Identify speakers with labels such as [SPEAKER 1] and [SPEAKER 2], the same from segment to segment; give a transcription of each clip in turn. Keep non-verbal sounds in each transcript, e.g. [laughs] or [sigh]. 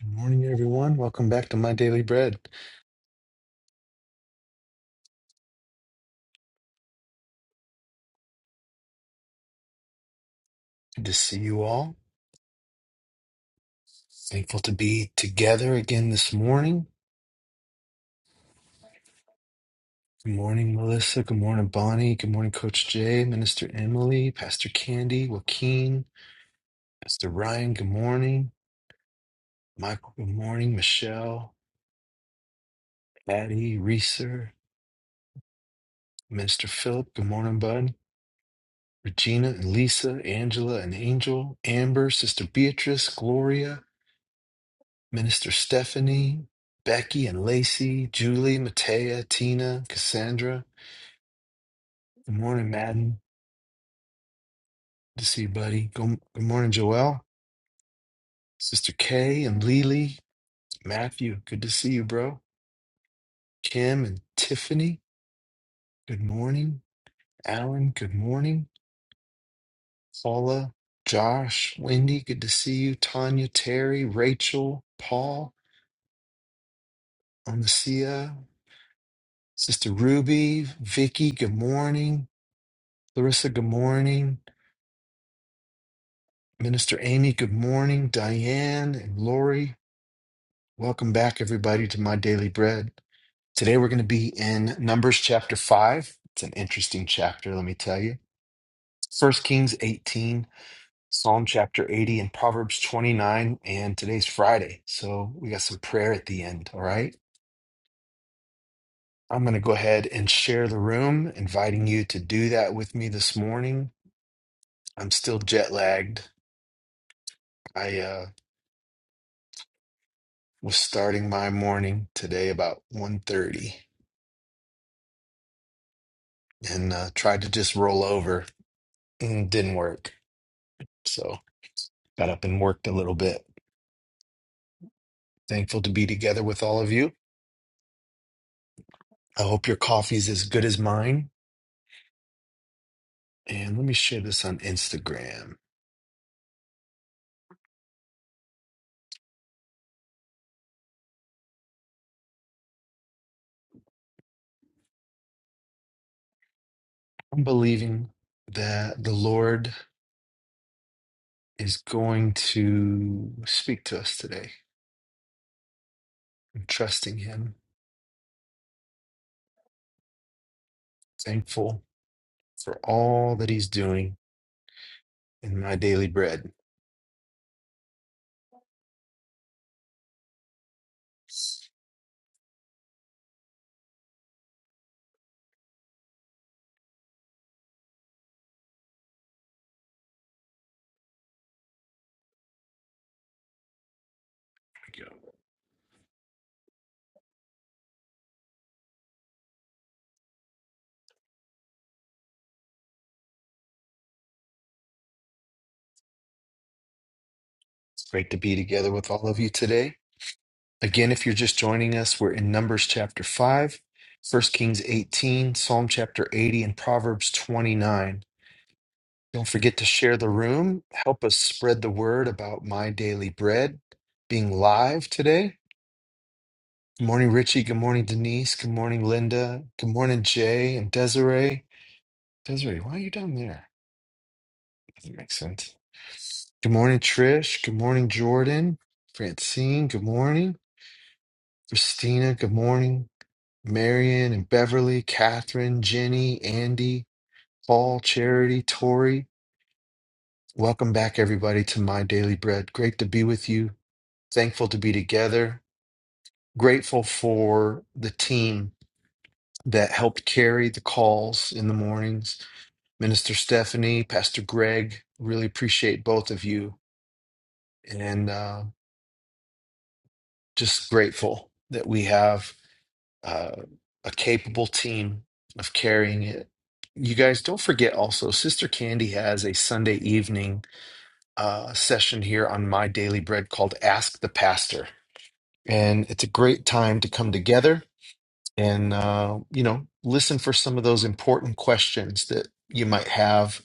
[SPEAKER 1] Good morning, everyone. Welcome back to My Daily Bread. Good to see you all. Thankful to be together again this morning. Good morning, Melissa. Good morning, Bonnie. Good morning, Coach Jay, Minister Emily, Pastor Candy, Joaquin, Pastor Ryan. Good morning, Michael. Good morning, Michelle, Patty, Reeser, Minister Philip. Good morning, Bud. Regina and Lisa, Angela and Angel, Amber, Sister Beatrice, Gloria. Minister Stephanie, Becky and Lacey, Julie, Matea, Tina, Cassandra. Good morning, Madden. Good to see you, buddy. Good, good morning, Joelle. Sister Kay and Lily. Matthew, good to see you, bro. Kim and Tiffany, good morning. Alan, good morning. Paula, Josh, Wendy, good to see you. Tanya, Terry, Rachel, Paul, Onasia, Sister Ruby, Vicky, good morning. Larissa, good morning. Minister Amy, good morning. Diane and Lori, welcome back, everybody, to My Daily Bread. Today we're going to be in Numbers chapter 5. It's an interesting chapter, let me tell you. First Kings 18, Psalm chapter 80, and Proverbs 29. And today's Friday, so we got some prayer at the end, all right? I'm going to go ahead and share the room, inviting you to do that with me this morning. I'm still jet lagged. I uh, was starting my morning today about one thirty. and uh, tried to just roll over and didn't work. So got up and worked a little bit. Thankful to be together with all of you. I hope your coffee's as good as mine. And let me share this on Instagram. I'm believing that the Lord is going to speak to us today. I'm trusting Him, thankful for all that He's doing in my daily bread. Here we go. It's great to be together with all of you today. Again, if you're just joining us, we're in Numbers chapter 5, First Kings 18, Psalm chapter 80, and Proverbs 29. Don't forget to share the room. Help us spread the word about My Daily Bread being live today. Good morning, Richie. Good morning, Denise. Good morning, Linda. Good morning, Jay and Desiree. Desiree, why are you down there? Doesn't make sense. Good morning, Trish. Good morning, Jordan. Francine, good morning. Christina, good morning. Marion and Beverly, Catherine, Jenny, Andy, Paul, Charity, Tori. Welcome back, everybody, to My Daily Bread. Great to be with you. Thankful to be together. Grateful for the team that helped carry the calls in the mornings. Minister Stephanie, Pastor Greg, really appreciate both of you. And uh, just grateful that we have uh, a capable team of carrying it. You guys don't forget also, Sister Candy has a Sunday evening uh, session here on My Daily Bread called Ask the Pastor. And it's a great time to come together and, uh, you know, listen for some of those important questions that you might have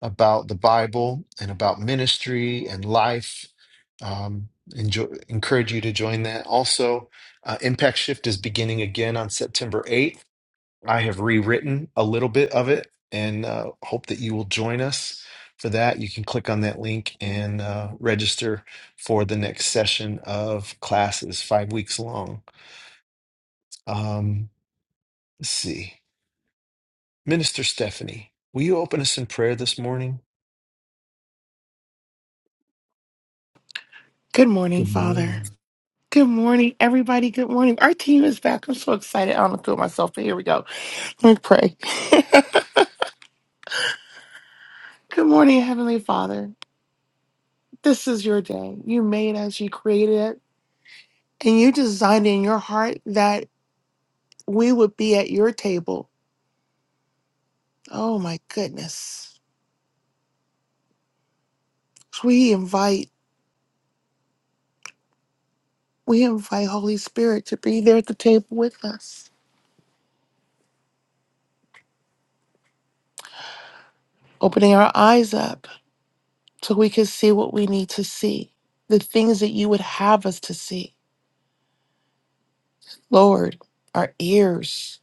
[SPEAKER 1] about the Bible and about ministry and life. Um, enjoy, encourage you to join that. Also, uh, Impact Shift is beginning again on September 8th I have rewritten a little bit of it and uh, hope that you will join us for that. You can click on that link and uh, register for the next session of classes, five weeks long. Um, let's see. Minister Stephanie, will you open us in prayer this morning?
[SPEAKER 2] Good morning,
[SPEAKER 1] Good
[SPEAKER 2] Father.
[SPEAKER 1] morning.
[SPEAKER 2] Good morning, everybody. Good morning. Our team is back. I'm so excited. I don't feel myself, but here we go. Let me pray. [laughs] Good morning, Heavenly Father. This is your day. You made us, you created it, and you designed in your heart that we would be at your table. Oh my goodness. So We invite, we invite Holy Spirit to be there at the table with us, opening our eyes up so we can see what we need to see, the things that you would have us to see. Lord, our ears.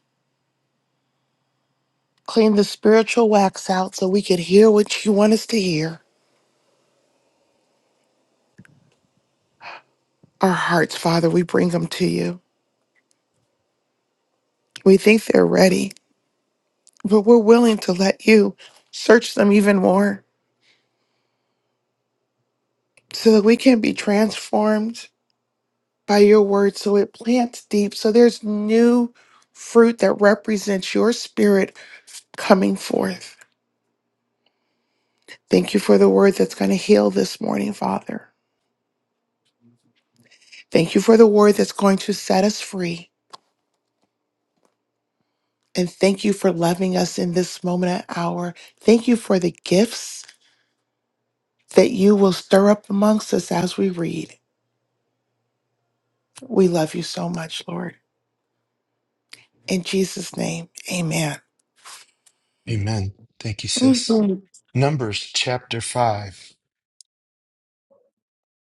[SPEAKER 2] Clean the spiritual wax out so we could hear what you want us to hear. Our hearts, Father, we bring them to you. We think they're ready, but we're willing to let you search them even more so that we can be transformed by your word so it plants deep, so there's new fruit that represents your spirit coming forth. Thank you for the word that's going to heal this morning, Father. Thank you for the word that's going to set us free. And thank you for loving us in this moment and hour. Thank you for the gifts that you will stir up amongst us as we read. We love you so much, Lord. In Jesus' name, amen.
[SPEAKER 1] Amen. Thank you, sis.
[SPEAKER 2] Mhm.
[SPEAKER 1] Numbers chapter 5.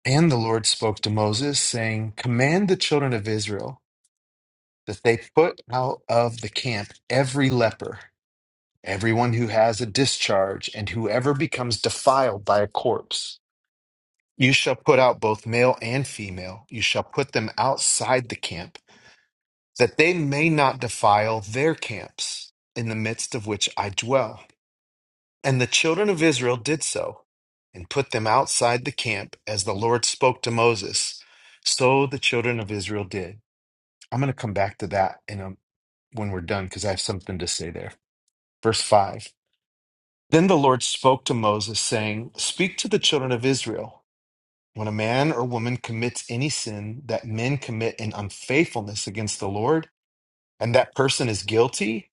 [SPEAKER 1] And the Lord spoke to Moses, saying, Command the children of Israel that they put out of the camp every leper. Everyone who has a discharge and whoever becomes defiled by a corpse, you shall put out both male and female. You shall put them outside the camp, that they may not defile their camps in the midst of which I dwell. And the children of Israel did so and put them outside the camp as the Lord spoke to Moses. So the children of Israel did. I'm going to come back to that in a, when we're done because I have something to say there. Verse 5. Then the Lord spoke to Moses, saying, Speak to the children of Israel. When a man or woman commits any sin that men commit in unfaithfulness against the Lord, and that person is guilty,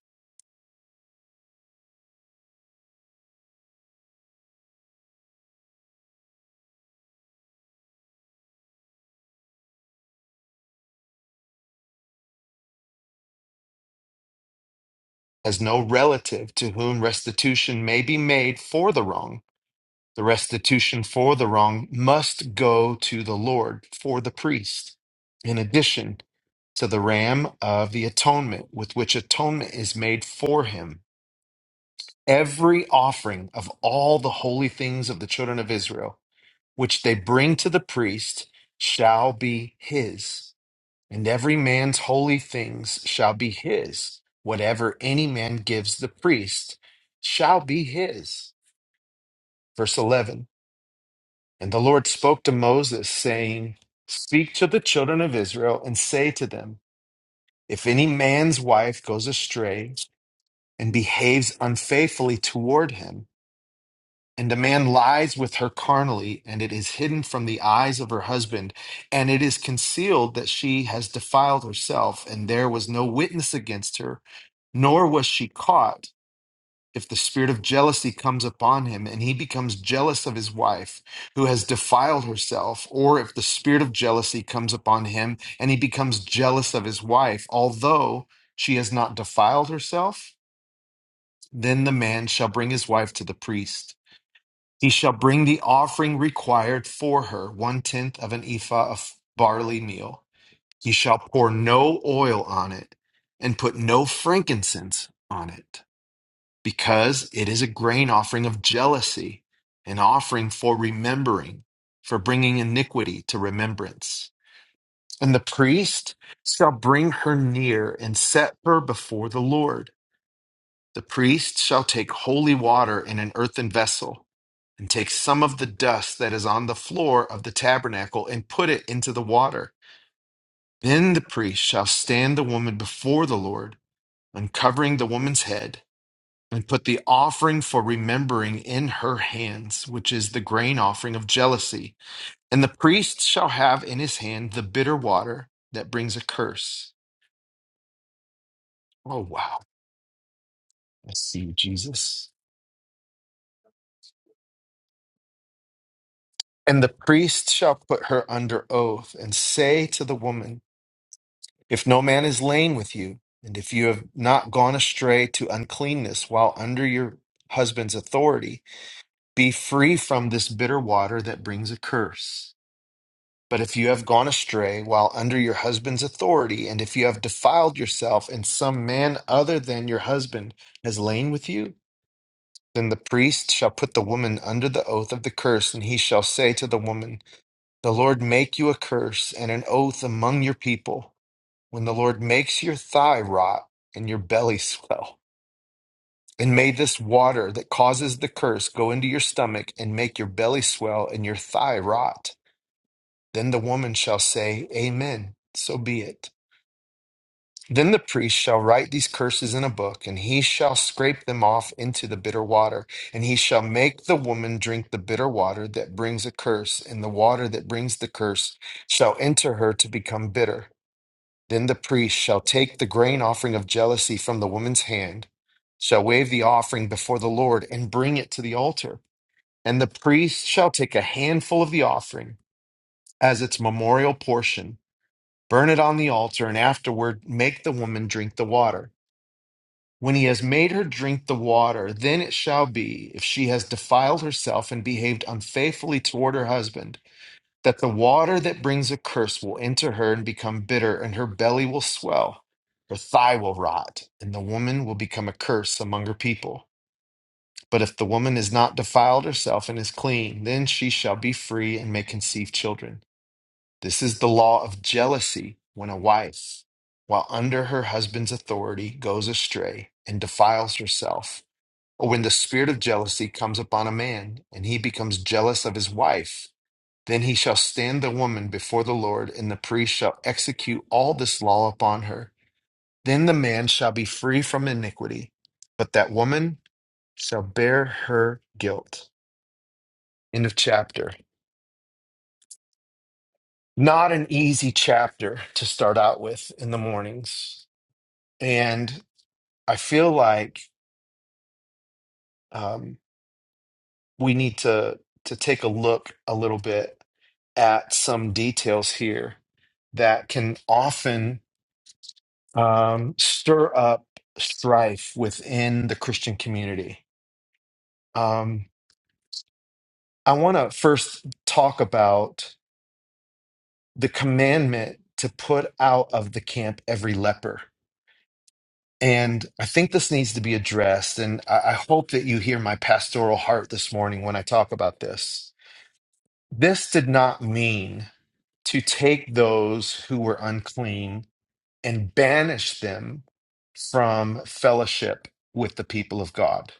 [SPEAKER 1] has no relative to whom restitution may be made for the wrong, the restitution for the wrong must go to the Lord for the priest, in addition to the ram of the atonement with which atonement is made for him every offering of all the holy things of the children of Israel, which they bring to the priest, shall be his. And every man's holy things shall be his. Whatever any man gives the priest shall be his. Verse 11 And the Lord spoke to Moses, saying, Speak to the children of Israel and say to them, If any man's wife goes astray and behaves unfaithfully toward him, And a man lies with her carnally, and it is hidden from the eyes of her husband, and it is concealed that she has defiled herself, and there was no witness against her, nor was she caught. If the spirit of jealousy comes upon him, and he becomes jealous of his wife who has defiled herself, or if the spirit of jealousy comes upon him, and he becomes jealous of his wife, although she has not defiled herself, then the man shall bring his wife to the priest he shall bring the offering required for her, one tenth of an ephah of barley meal. He shall pour no oil on it and put no frankincense on it, because it is a grain offering of jealousy, an offering for remembering, for bringing iniquity to remembrance. And the priest shall bring her near and set her before the Lord. The priest shall take holy water in an earthen vessel, and take some of the dust that is on the floor of the tabernacle, and put it into the water. Then the priest shall stand the woman before the Lord, uncovering the woman's head, and put the offering for remembering in her hands, which is the grain offering of jealousy. And the priest shall have in his hand the bitter water that brings a curse. Oh, wow. I see you, Jesus. And the priest shall put her under oath and say to the woman, If no man is lain with you, and if you have not gone astray to uncleanness while under your husband's authority, be free from this bitter water that brings a curse. But if you have gone astray while under your husband's authority, and if you have defiled yourself, and some man other than your husband has lain with you, then the priest shall put the woman under the oath of the curse, and he shall say to the woman, The Lord make you a curse and an oath among your people, when the Lord makes your thigh rot and your belly swell. And may this water that causes the curse go into your stomach and make your belly swell and your thigh rot. Then the woman shall say, Amen. So be it. Then the priest shall write these curses in a book, and he shall scrape them off into the bitter water. And he shall make the woman drink the bitter water that brings a curse, and the water that brings the curse shall enter her to become bitter. Then the priest shall take the grain offering of jealousy from the woman's hand, shall wave the offering before the Lord, and bring it to the altar. And the priest shall take a handful of the offering as its memorial portion, burn it on the altar, and afterward make the woman drink the water. When he has made her drink the water, then it shall be, if she has defiled herself and behaved unfaithfully toward her husband that the water that brings a curse will enter her and become bitter, and her belly will swell, her thigh will rot, and the woman will become a curse among her people. But if the woman is not defiled herself and is clean, then she shall be free and may conceive children. This is the law of jealousy when a wife, while under her husband's authority, goes astray and defiles herself, or when the spirit of jealousy comes upon a man and he becomes jealous of his wife then he shall stand the woman before the Lord, and the priest shall execute all this law upon her. Then the man shall be free from iniquity, but that woman shall bear her guilt. End of chapter. Not an easy chapter to start out with in the mornings. And I feel like um, we need to, to take a look a little bit at some details here that can often um, stir up strife within the Christian community. Um, I want to first talk about the commandment to put out of the camp every leper. And I think this needs to be addressed. And I, I hope that you hear my pastoral heart this morning when I talk about this. This did not mean to take those who were unclean and banish them from fellowship with the people of God.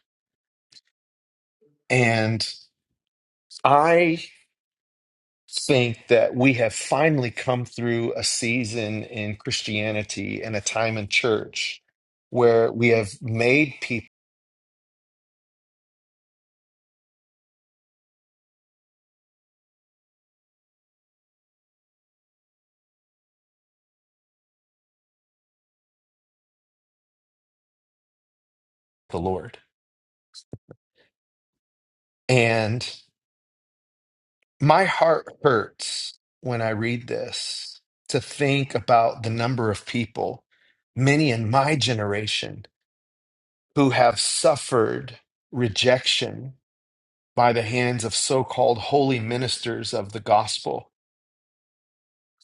[SPEAKER 1] and. I think that we have finally come through a season in Christianity and a time in church where we have made people the Lord. And my heart hurts when I read this to think about the number of people, many in my generation, who have suffered rejection by the hands of so called holy ministers of the gospel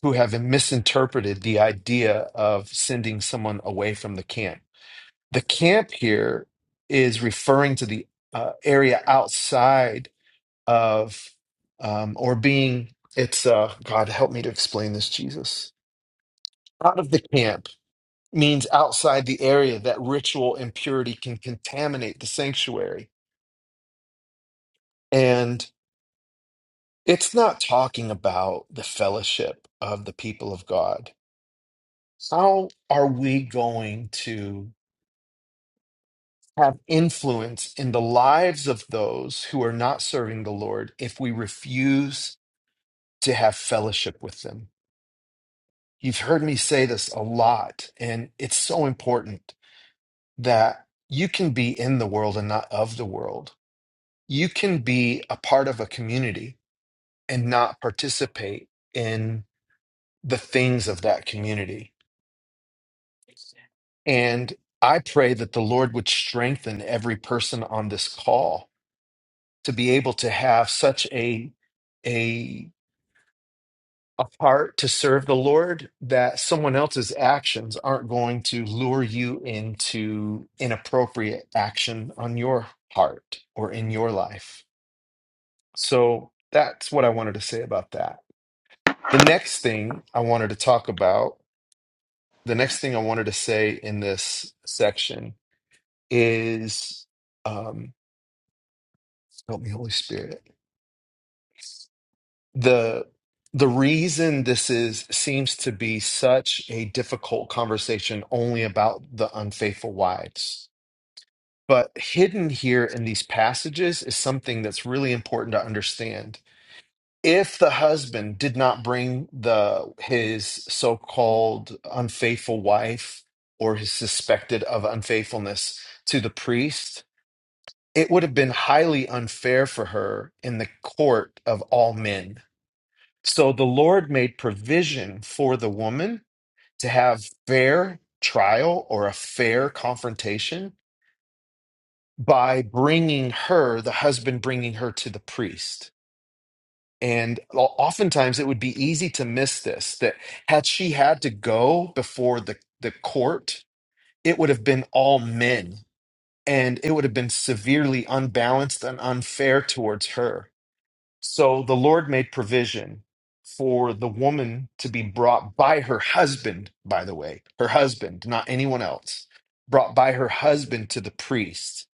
[SPEAKER 1] who have misinterpreted the idea of sending someone away from the camp. The camp here is referring to the uh, area outside of, um, or being, it's, uh, God, help me to explain this, Jesus. Out of the camp means outside the area that ritual impurity can contaminate the sanctuary. And it's not talking about the fellowship of the people of God. How are we going to? have influence in the lives of those who are not serving the Lord if we refuse to have fellowship with them. You've heard me say this a lot, and it's so important that you can be in the world and not of the world. You can be a part of a community and not participate in the things of that community. And I pray that the Lord would strengthen every person on this call to be able to have such a a a heart to serve the Lord that someone else's actions aren't going to lure you into inappropriate action on your heart or in your life. So that's what I wanted to say about that. The next thing I wanted to talk about, the next thing I wanted to say in this section is um help me Holy Spirit the the reason this is seems to be such a difficult conversation only about the unfaithful wives but hidden here in these passages is something that's really important to understand if the husband did not bring the his so-called unfaithful wife or his suspected of unfaithfulness to the priest it would have been highly unfair for her in the court of all men so the Lord made provision for the woman to have fair trial or a fair confrontation by bringing her, the husband bringing her to the priest. And o- oftentimes it would be easy to miss this that had she had to go before the, the court, it would have been all men and it would have been severely unbalanced and unfair towards her. So the Lord made provision for the woman to be brought by her husband, by the way, her husband, not anyone else, brought by her husband to the priest.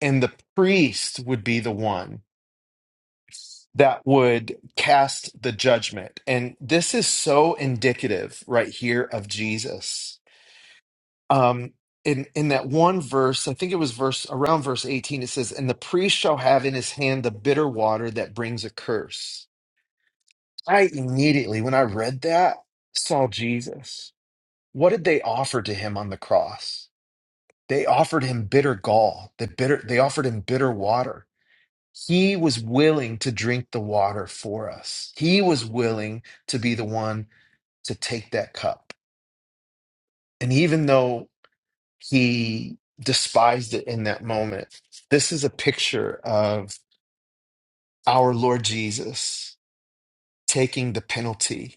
[SPEAKER 1] And the priest would be the one that would cast the judgment. And this is so indicative right here of Jesus. Um, in, in that one verse, I think it was verse around verse 18, it says, And the priest shall have in his hand the bitter water that brings a curse I immediately, when I read that, saw Jesus. What did they offer to him on the cross? They offered him bitter gall. They bitter they offered him bitter water. He was willing to drink the water for us. He was willing to be the one to take that cup. And even though he despised it in that moment, this is a picture of our Lord Jesus taking the penalty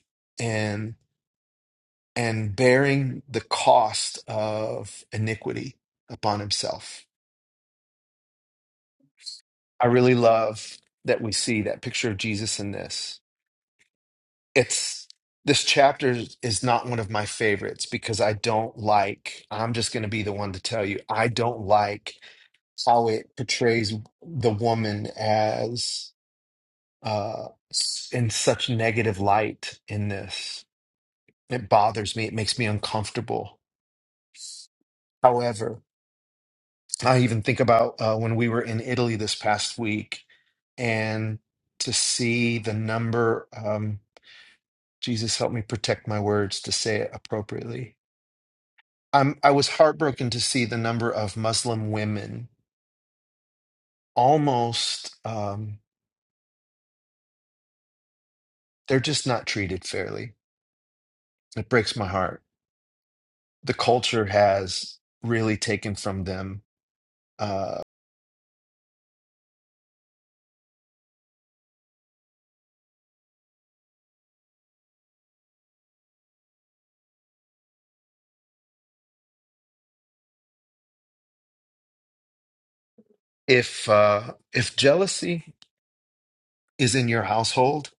[SPEAKER 1] and bearing the cost of iniquity upon himself. I really love that we see that picture of Jesus in this. It's this chapter is not one of my favorites because I don't like, I'm just going to be the one to tell you, I don't like how it portrays the woman as uh, s- in such negative light in this. It bothers me, it makes me uncomfortable. However, I even think about uh, when we were in Italy this past week and to see the number, um, Jesus help me protect my words to say it appropriately. I'm, I was heartbroken to see the number of Muslim women almost, um, they're just not treated fairly. It breaks my heart. The culture has really taken from them. Uh, if, uh, if jealousy is in your household,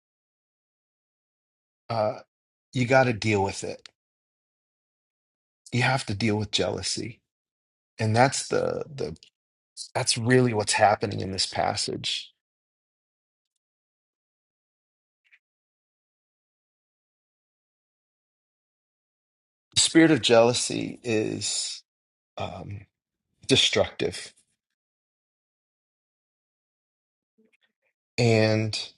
[SPEAKER 1] uh, you got to deal with it you have to deal with jealousy and that's the the that's really what's happening in this passage the spirit of jealousy is um, destructive and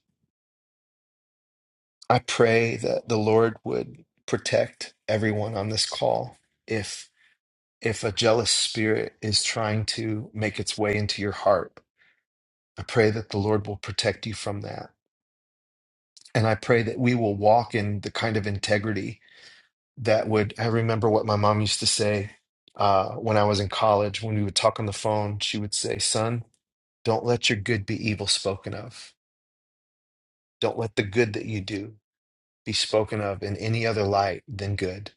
[SPEAKER 1] i pray that the lord would protect everyone on this call if if a jealous spirit is trying to make its way into your heart i pray that the lord will protect you from that and i pray that we will walk in the kind of integrity that would I remember what my mom used to say uh, when I was in college when we would talk on the phone. She would say, "Son, don't let your good be evil spoken of. Don't let the good that you do be spoken of in any other light than good."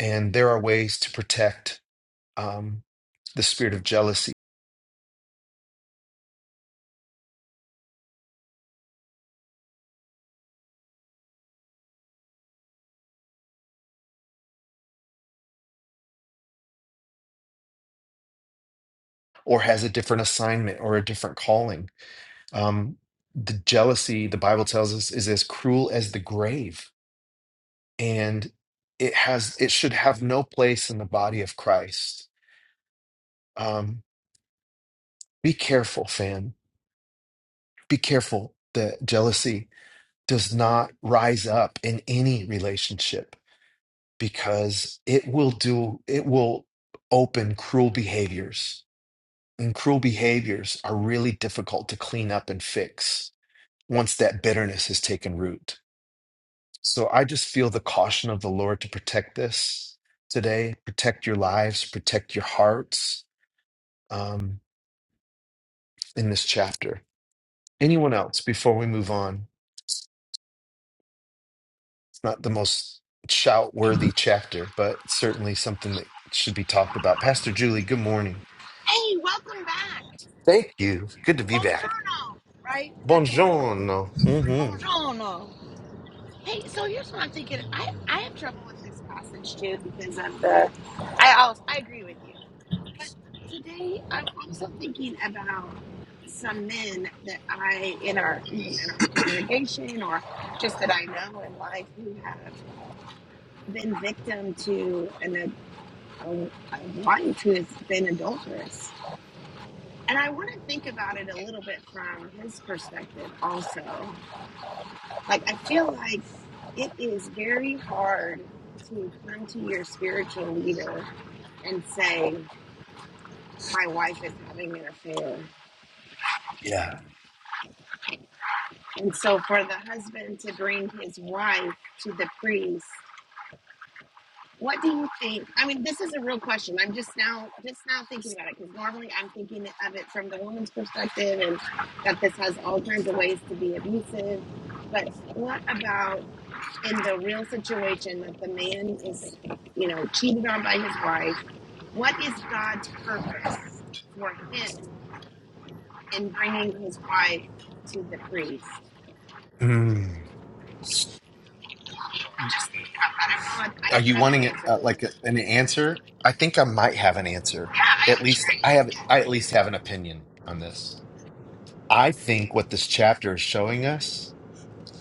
[SPEAKER 1] And there are ways to protect um, the spirit of jealousy, or has a different assignment or a different calling. Um, the jealousy, the Bible tells us, is as cruel as the grave, and it has it should have no place in the body of Christ Um, be careful, fam. Be careful that jealousy does not rise up in any relationship because it will do, it will open cruel behaviors. And cruel behaviors are really difficult to clean up and fix once that bitterness has taken root. So I just feel the caution of the Lord to protect this today, protect your lives, protect your hearts um, in this chapter. Anyone else before we move on? not the most shout worthy chapter, but certainly something that should be talked about. Pastor Julie, good morning.
[SPEAKER 3] Hey, welcome back.
[SPEAKER 1] Thank you. Good to be back.
[SPEAKER 3] Buongiorno, right? Is that good morning?
[SPEAKER 1] Buongiorno. hmm
[SPEAKER 3] Buongiorno. Hey, so here's what I'm thinking. I, I have trouble with this passage too because of the. I also, I agree with you, but today I'm also thinking about some men that I in our even in our congregation or just that I know in life who have been victim to an a, a, a wife who has been adulterous And I want to think about it a little bit from his perspective also. Like, I feel like it is very hard to come to your spiritual leader and say, My wife is having an affair.
[SPEAKER 1] Yeah.
[SPEAKER 3] And so, for the husband to bring his wife to the priest, what do you think? I mean, this is a real question. I'm just now just now thinking about it because normally I'm thinking of it from the woman's perspective and that this has all kinds of ways to be abusive. But what about in the real situation that the man is, you know, cheated on by his wife, what is God's purpose for him in bringing his wife to the priest?
[SPEAKER 1] Mm.
[SPEAKER 3] I'm
[SPEAKER 1] Y-
[SPEAKER 3] just thinking about that. I don't know. I
[SPEAKER 1] Are
[SPEAKER 3] don't
[SPEAKER 1] you
[SPEAKER 3] have
[SPEAKER 1] wanting
[SPEAKER 3] an
[SPEAKER 1] it,
[SPEAKER 3] answer.
[SPEAKER 1] uh,
[SPEAKER 3] Right
[SPEAKER 1] like a- an answer? I think I might have an answer. At
[SPEAKER 3] now.
[SPEAKER 1] least I have. I at least have an opinion on this. I think what this chapter is showing us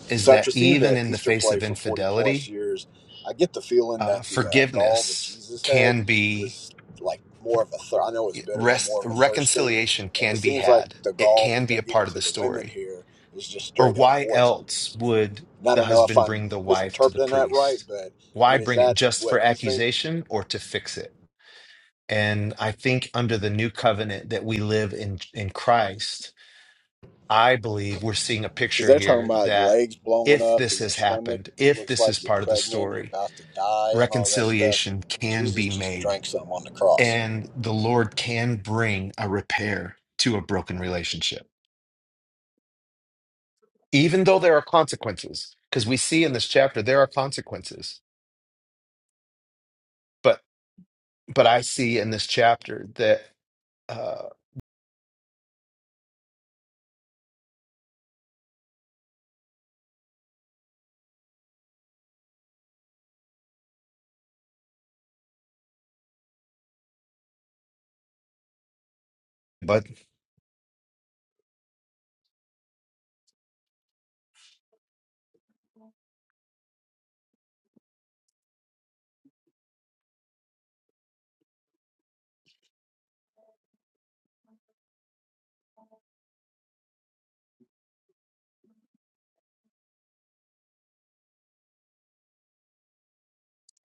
[SPEAKER 1] is
[SPEAKER 4] So
[SPEAKER 1] that
[SPEAKER 4] after seeing
[SPEAKER 1] even
[SPEAKER 4] the
[SPEAKER 1] in the
[SPEAKER 4] Easter
[SPEAKER 1] face
[SPEAKER 4] play
[SPEAKER 1] of
[SPEAKER 4] for 40 plus
[SPEAKER 1] infidelity,
[SPEAKER 4] years, I get the feeling
[SPEAKER 1] uh,
[SPEAKER 4] that the uh, gall that
[SPEAKER 1] forgiveness
[SPEAKER 4] Jesus had
[SPEAKER 1] can be.
[SPEAKER 4] was like more of a thir- I know it's bitter, but
[SPEAKER 1] rest
[SPEAKER 4] more of a thirst thing.
[SPEAKER 1] reconciliation
[SPEAKER 4] And it
[SPEAKER 1] can be
[SPEAKER 4] seems like
[SPEAKER 1] had.
[SPEAKER 4] the
[SPEAKER 1] It
[SPEAKER 4] gall
[SPEAKER 1] can
[SPEAKER 4] that
[SPEAKER 1] be
[SPEAKER 4] they're
[SPEAKER 1] a
[SPEAKER 4] giving
[SPEAKER 1] part of
[SPEAKER 4] to
[SPEAKER 1] the
[SPEAKER 4] the women
[SPEAKER 1] story.
[SPEAKER 4] here is just
[SPEAKER 1] Or
[SPEAKER 4] straight up
[SPEAKER 1] why
[SPEAKER 4] poison.
[SPEAKER 1] else would
[SPEAKER 4] And I
[SPEAKER 1] the
[SPEAKER 4] don't know if
[SPEAKER 1] husband
[SPEAKER 4] I'm
[SPEAKER 1] bring the wife to the
[SPEAKER 4] misinterpreting that right,
[SPEAKER 1] priest?
[SPEAKER 4] but I
[SPEAKER 1] Why
[SPEAKER 4] mean, is
[SPEAKER 1] bring it
[SPEAKER 4] that
[SPEAKER 1] just for
[SPEAKER 4] what you think?
[SPEAKER 1] accusation or to fix it? And I think under the new covenant that we live in in Christ, I believe we're seeing a
[SPEAKER 4] Because
[SPEAKER 1] picture
[SPEAKER 4] they're talking
[SPEAKER 1] here
[SPEAKER 4] about your
[SPEAKER 1] that
[SPEAKER 4] legs blowing
[SPEAKER 1] if
[SPEAKER 4] up
[SPEAKER 1] this
[SPEAKER 4] and your
[SPEAKER 1] has
[SPEAKER 4] stomach
[SPEAKER 1] happened, if
[SPEAKER 4] looks
[SPEAKER 1] this is
[SPEAKER 4] like you're
[SPEAKER 1] part of the
[SPEAKER 4] pregnant, you're
[SPEAKER 1] story,
[SPEAKER 4] about to die, and all that stuff. And
[SPEAKER 1] reconciliation can
[SPEAKER 4] Jesus
[SPEAKER 1] be
[SPEAKER 4] just
[SPEAKER 1] made
[SPEAKER 4] drank something on the cross.
[SPEAKER 1] And the Lord can bring a repair to a broken relationship, even though there are consequences, because we see in this chapter there are consequences. But but I see in this chapter that, uh, but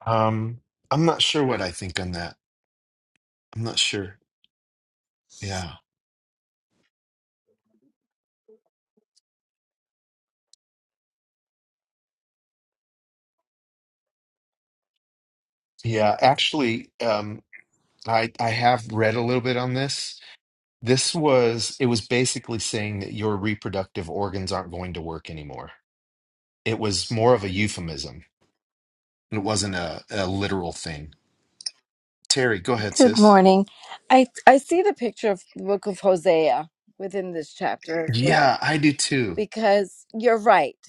[SPEAKER 1] um, I'm not sure what I think on that. I'm not sure. Yeah, yeah. Actually, um, I I have read a little bit on this. This was it was basically saying that your reproductive organs aren't going to work anymore. It was more of a euphemism It wasn't a, a literal thing. Terry, go ahead,
[SPEAKER 5] Good
[SPEAKER 1] sis.
[SPEAKER 5] morning. I I see the picture of the book of Hosea within this chapter as well
[SPEAKER 1] Yeah, I do too.
[SPEAKER 5] because you're right.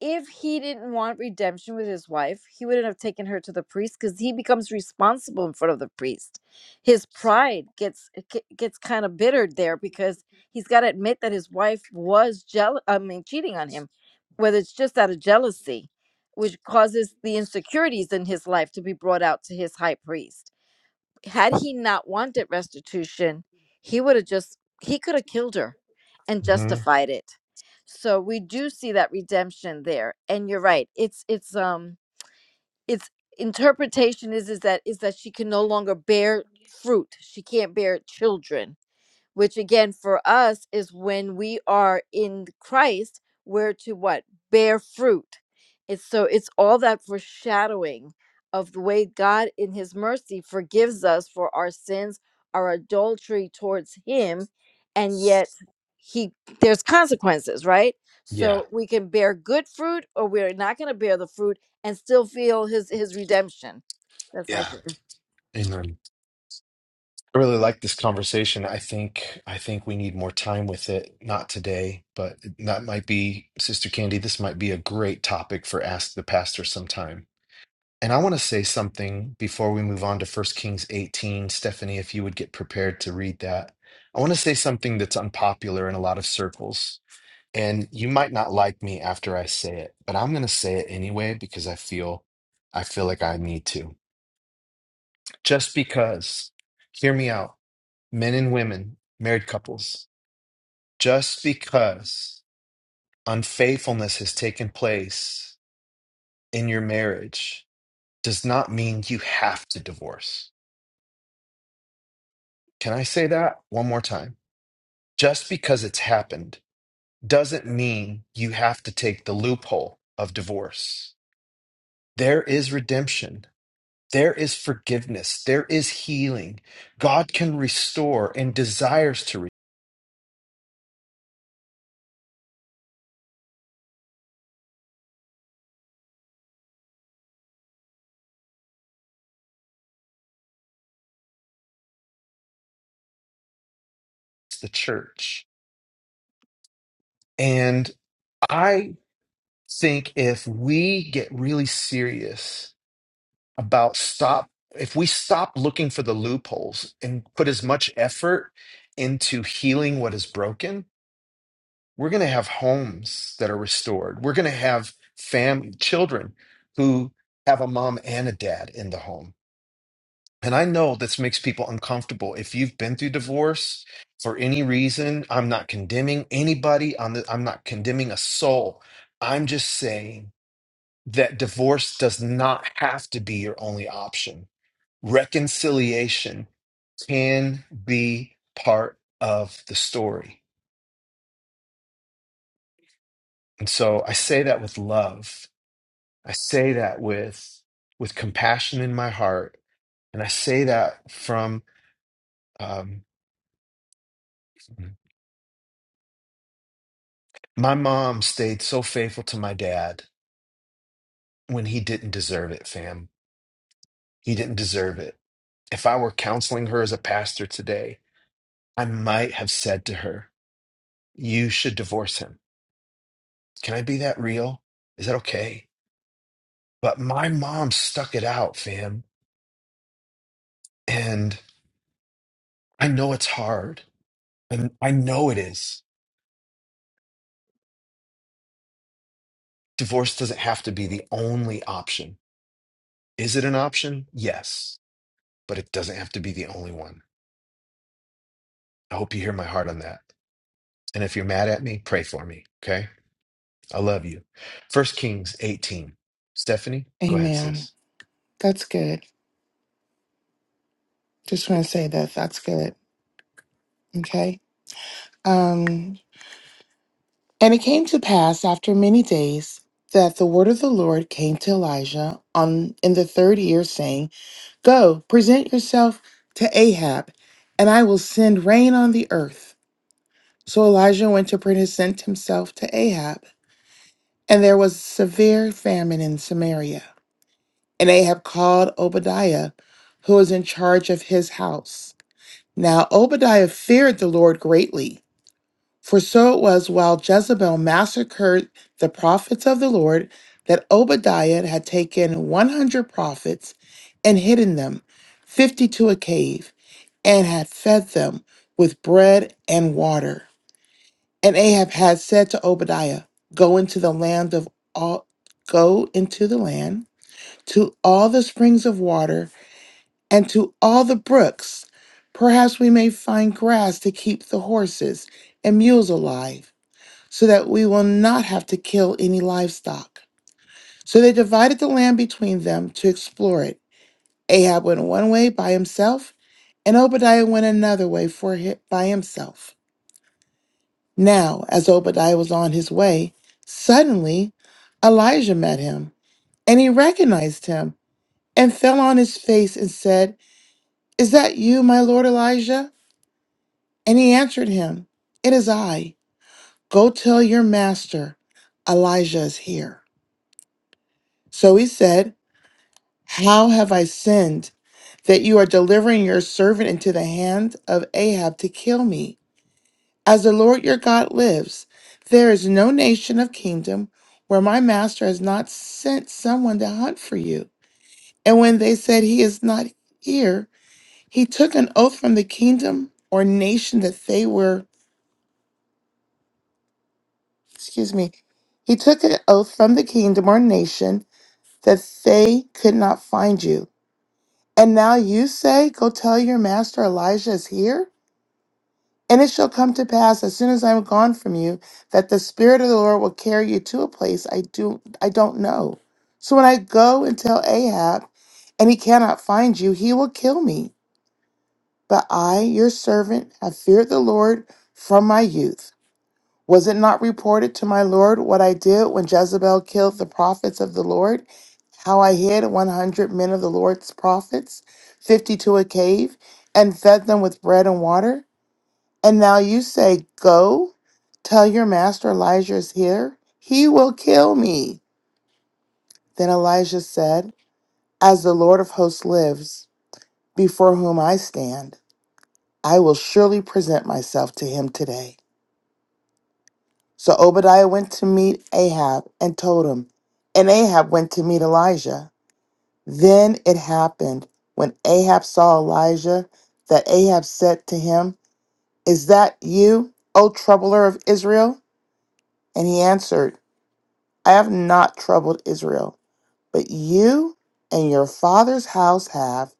[SPEAKER 5] If he didn't want redemption with his wife, he wouldn't have taken her to the priest cuz he becomes responsible in front of the priest. His pride gets ge- gets kind of bittered there because he's got to admit that his wife was jealous I mean cheating on him whether it's just out of jealousy which causes the insecurities in his life to be brought out to his high priest had he not wanted restitution, he would have just he could have killed her and
[SPEAKER 1] hmm
[SPEAKER 5] justified it. So we do see that redemption there. And you're right. It's it's um it's interpretation is is that is that she can no longer bear fruit. She can't bear children which again for us is when we are in Christ, we're to what? Bear fruit. It's so it's all that foreshadowing of the way God in his mercy forgives us for our sins, our adultery towards him, and yet he there's consequences, right?
[SPEAKER 1] Yeah,
[SPEAKER 5] So we can bear good fruit or we're not going to bear the fruit and still feel his his redemption. That's my
[SPEAKER 1] yeah.
[SPEAKER 5] shit.
[SPEAKER 1] Amen. I really like this conversation. I think I think we need more time with it. Not today, but that might be Sister Candy. This might be a great topic for Ask the Pastor sometime. And I want to say something before we move on to First Kings 18. Stephanie, if you would get prepared to read that. I want to say something that's unpopular in a lot of circles And you might not like me after I say it, but I'm going to say it anyway because I feel I feel like I need to. Just because, hear me out, men and women, married couples, just because unfaithfulness has taken place in your marriage does not mean you have to divorce. Can I say that one more time? Just because it's happened doesn't mean you have to take the loophole of divorce. There is redemption There is forgiveness. There is healing. God can restore and desires to restore the church. And I think if we get really serious about stop, if we stop looking for the loopholes and put as much effort into healing what is broken, we're going to have homes that are restored. We're going to have family, children who have a mom and a dad in the home And I know this makes people uncomfortable. If you've been through divorce for any reason, I'm not condemning anybody. I'm, the, I'm not condemning a soul. I'm just saying that divorce does not have to be your only option. Reconciliation can be part of the story. And so I say that with love. I say that with with compassion in my heart, and I say that from um, My mom stayed so faithful to my dad when he didn't deserve it, fam. He didn't deserve it. If I were counseling her as a pastor today, I might have said to her, You should divorce him. Can I be that real? Is that okay? But my mom stuck it out, fam. And I know it's hard. And I know it is. Divorce doesn't have to be the only option. Is it an option? Yes, but it doesn't have to be the only one. I hope you hear my heart on that. And if you're mad at me, pray for me. Okay. I love you. First Kings 18. Stephanie, go ahead,
[SPEAKER 2] Amen.
[SPEAKER 1] sis.
[SPEAKER 2] That's good. Just want to say that that's good. Okay. Um, and it came to pass after many days that the word of the Lord came to Elijah on in the third year, saying, Go, present yourself to Ahab, and I will send rain on the earth. So Elijah went to present himself to Ahab, and there was severe famine in Samaria. And Ahab called Obadiah, who was in charge of his house. Now Obadiah feared the Lord greatly, for so it was while Jezebel massacred the prophets of the Lord that Obadiah had taken 100 prophets and hidden them, 50 to a cave, and had fed them with bread and water. And Ahab had said to Obadiah, Go into the land of all go into the land to all the springs of water and to all the brooks. Perhaps we may find grass to keep the horses and mules alive, so that we will not have to kill any livestock. So they divided the land between them to explore it. Ahab went one way by himself, and Obadiah went another way for hi- by himself. Now, as Obadiah was on his way, suddenly Elijah met him, and he recognized him and fell on his face and said, Is that you, my lord Elijah? And he answered him, It is I. Go tell your master, Elijah is here. So he said, How have I sinned that you are delivering your servant into the hand of Ahab to kill me? As the Lord your God lives, there is no nation of kingdom where my master has not sent someone to hunt for you. And when they said he is not here, he took an oath from the kingdom or nation that they were, excuse me, he took an oath from the kingdom or nation that they could not find you. And now you say, Go tell your master Elijah is here? And it shall come to pass as soon as I am gone from you that the spirit of the Lord will carry you to a place I do I don't know. So when I go and tell Ahab and he cannot find you, he will kill me. But I, your servant, have feared the Lord from my youth. Was it not reported to my Lord what I did when Jezebel killed the prophets of the Lord? How I hid 100 men of the Lord's prophets, 50 to a cave, and fed them with bread and water? And now you say, Go, tell your master Elijah is here. He will kill me. Then Elijah said, As the Lord of hosts lives, before whom I stand, I will surely present myself to him today. So Obadiah went to meet Ahab and told him, and Ahab went to meet Elijah. Then it happened when Ahab saw Elijah that Ahab said to him, Is that you, O troubler of Israel? And he answered, I have not troubled Israel, but you and your father's house have,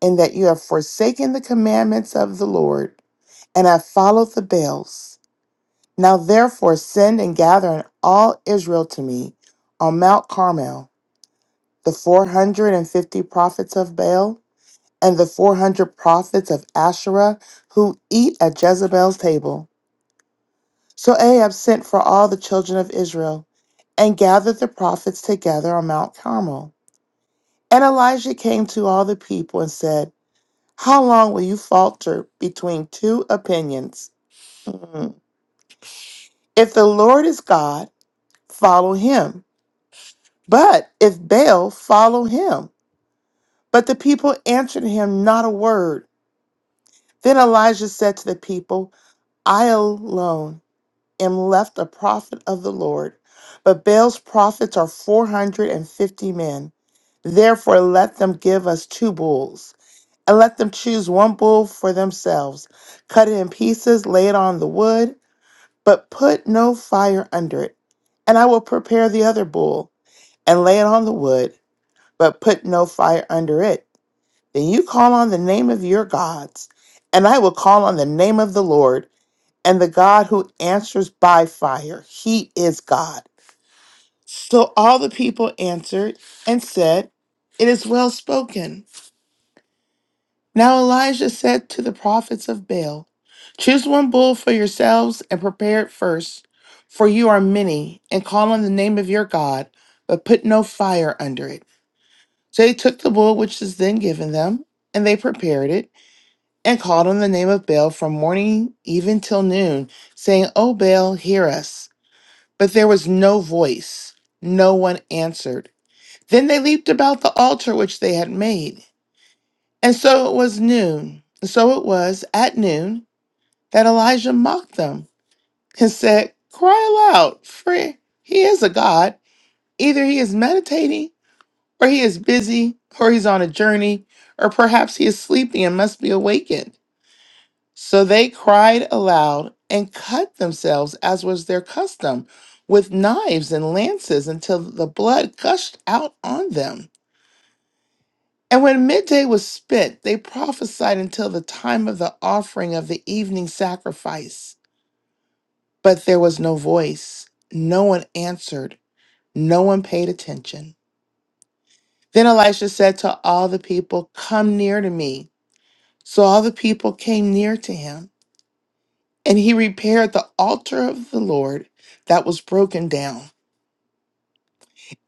[SPEAKER 2] in that you have forsaken the commandments of the Lord and have followed the Baals. Now therefore send and gather in all Israel to me on Mount Carmel, the 450 prophets of Baal and the 400 prophets of Asherah who eat at Jezebel's table. So Ahab sent for all the children of Israel and gathered the prophets together on Mount Carmel. And Elijah came to all the people and said, How long will you falter between two opinions? Mm. If the Lord is God, follow him. But if Baal, follow him. But the people answered him not a word. Then Elijah said to the people, I alone am left a prophet of the Lord, but Baal's prophets are 450 men. Therefore, let them give us two bulls. and let them choose one bull for themselves. Cut it in pieces, lay it on the wood, but put no fire under it. And I will prepare the other bull and lay it on the wood, but put no fire under it. Then you call on the name of your gods, and I will call on the name of the Lord, and the God who answers by fire. He is God. So all the people answered and said, It is well spoken. Now Elijah said to the prophets of Baal, Choose one bull for yourselves and prepare it first, for you are many, and call on the name of your God, but put no fire under it. So they took the bull which was then given them, and they prepared it, and called on the name of Baal from morning even till noon, saying, O Baal, hear us. But there was no voice, no one answered. Then they leaped about the altar which they had made. And so it was noon. So it was at noon that Elijah mocked them and said, Cry aloud, for he is a God. Either he is meditating, or he is busy, or he's on a journey, or perhaps he is sleeping and must be awakened. So they cried aloud and cut themselves, as was their custom, with knives and lances until the blood gushed out on them. And when midday was spent, they prophesied until the time of the offering of the evening sacrifice. But there was no voice, no one answered, no one paid attention. Then Elisha said to all the people, Come near to me. So all the people came near to him, and he repaired the altar of the Lord that was broken down.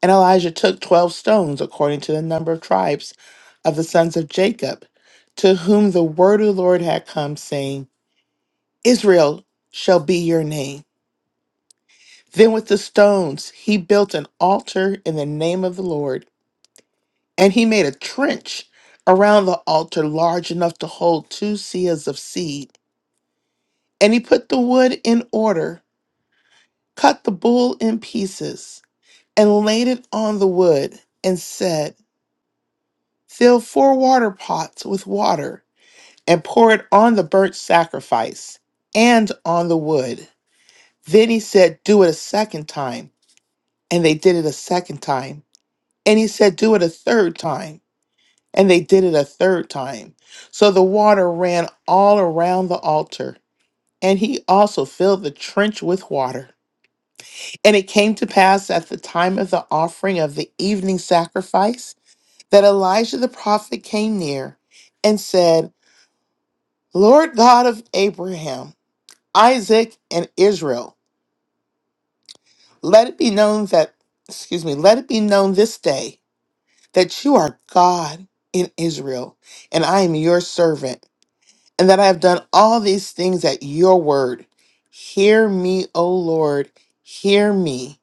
[SPEAKER 2] And Elijah took 12 stones, according to the number of tribes of the sons of Jacob, to whom the word of the Lord had come, saying, Israel shall be your name. Then with the stones he built an altar in the name of the Lord, and he made a trench around the altar large enough to hold two seahs of seed. And he put the wood in order, cut the bull in pieces, and laid it on the wood, and said, Fill four water pots with water, and pour it on the burnt sacrifice and on the wood. Then he said, Do it a second time. and they did it a second time. And he said, Do it a third time. And they did it a third time. So the water ran all around the altar. And he also filled the trench with water. And it came to pass at the time of the offering of the evening sacrifice that Elijah the prophet came near and said, Lord God of Abraham, Isaac, and Israel, let it be known that, excuse me, let it be known this day that you are God in Israel, and I am your servant, and that I have done all these things at your word. Hear me, O Lord, hear me,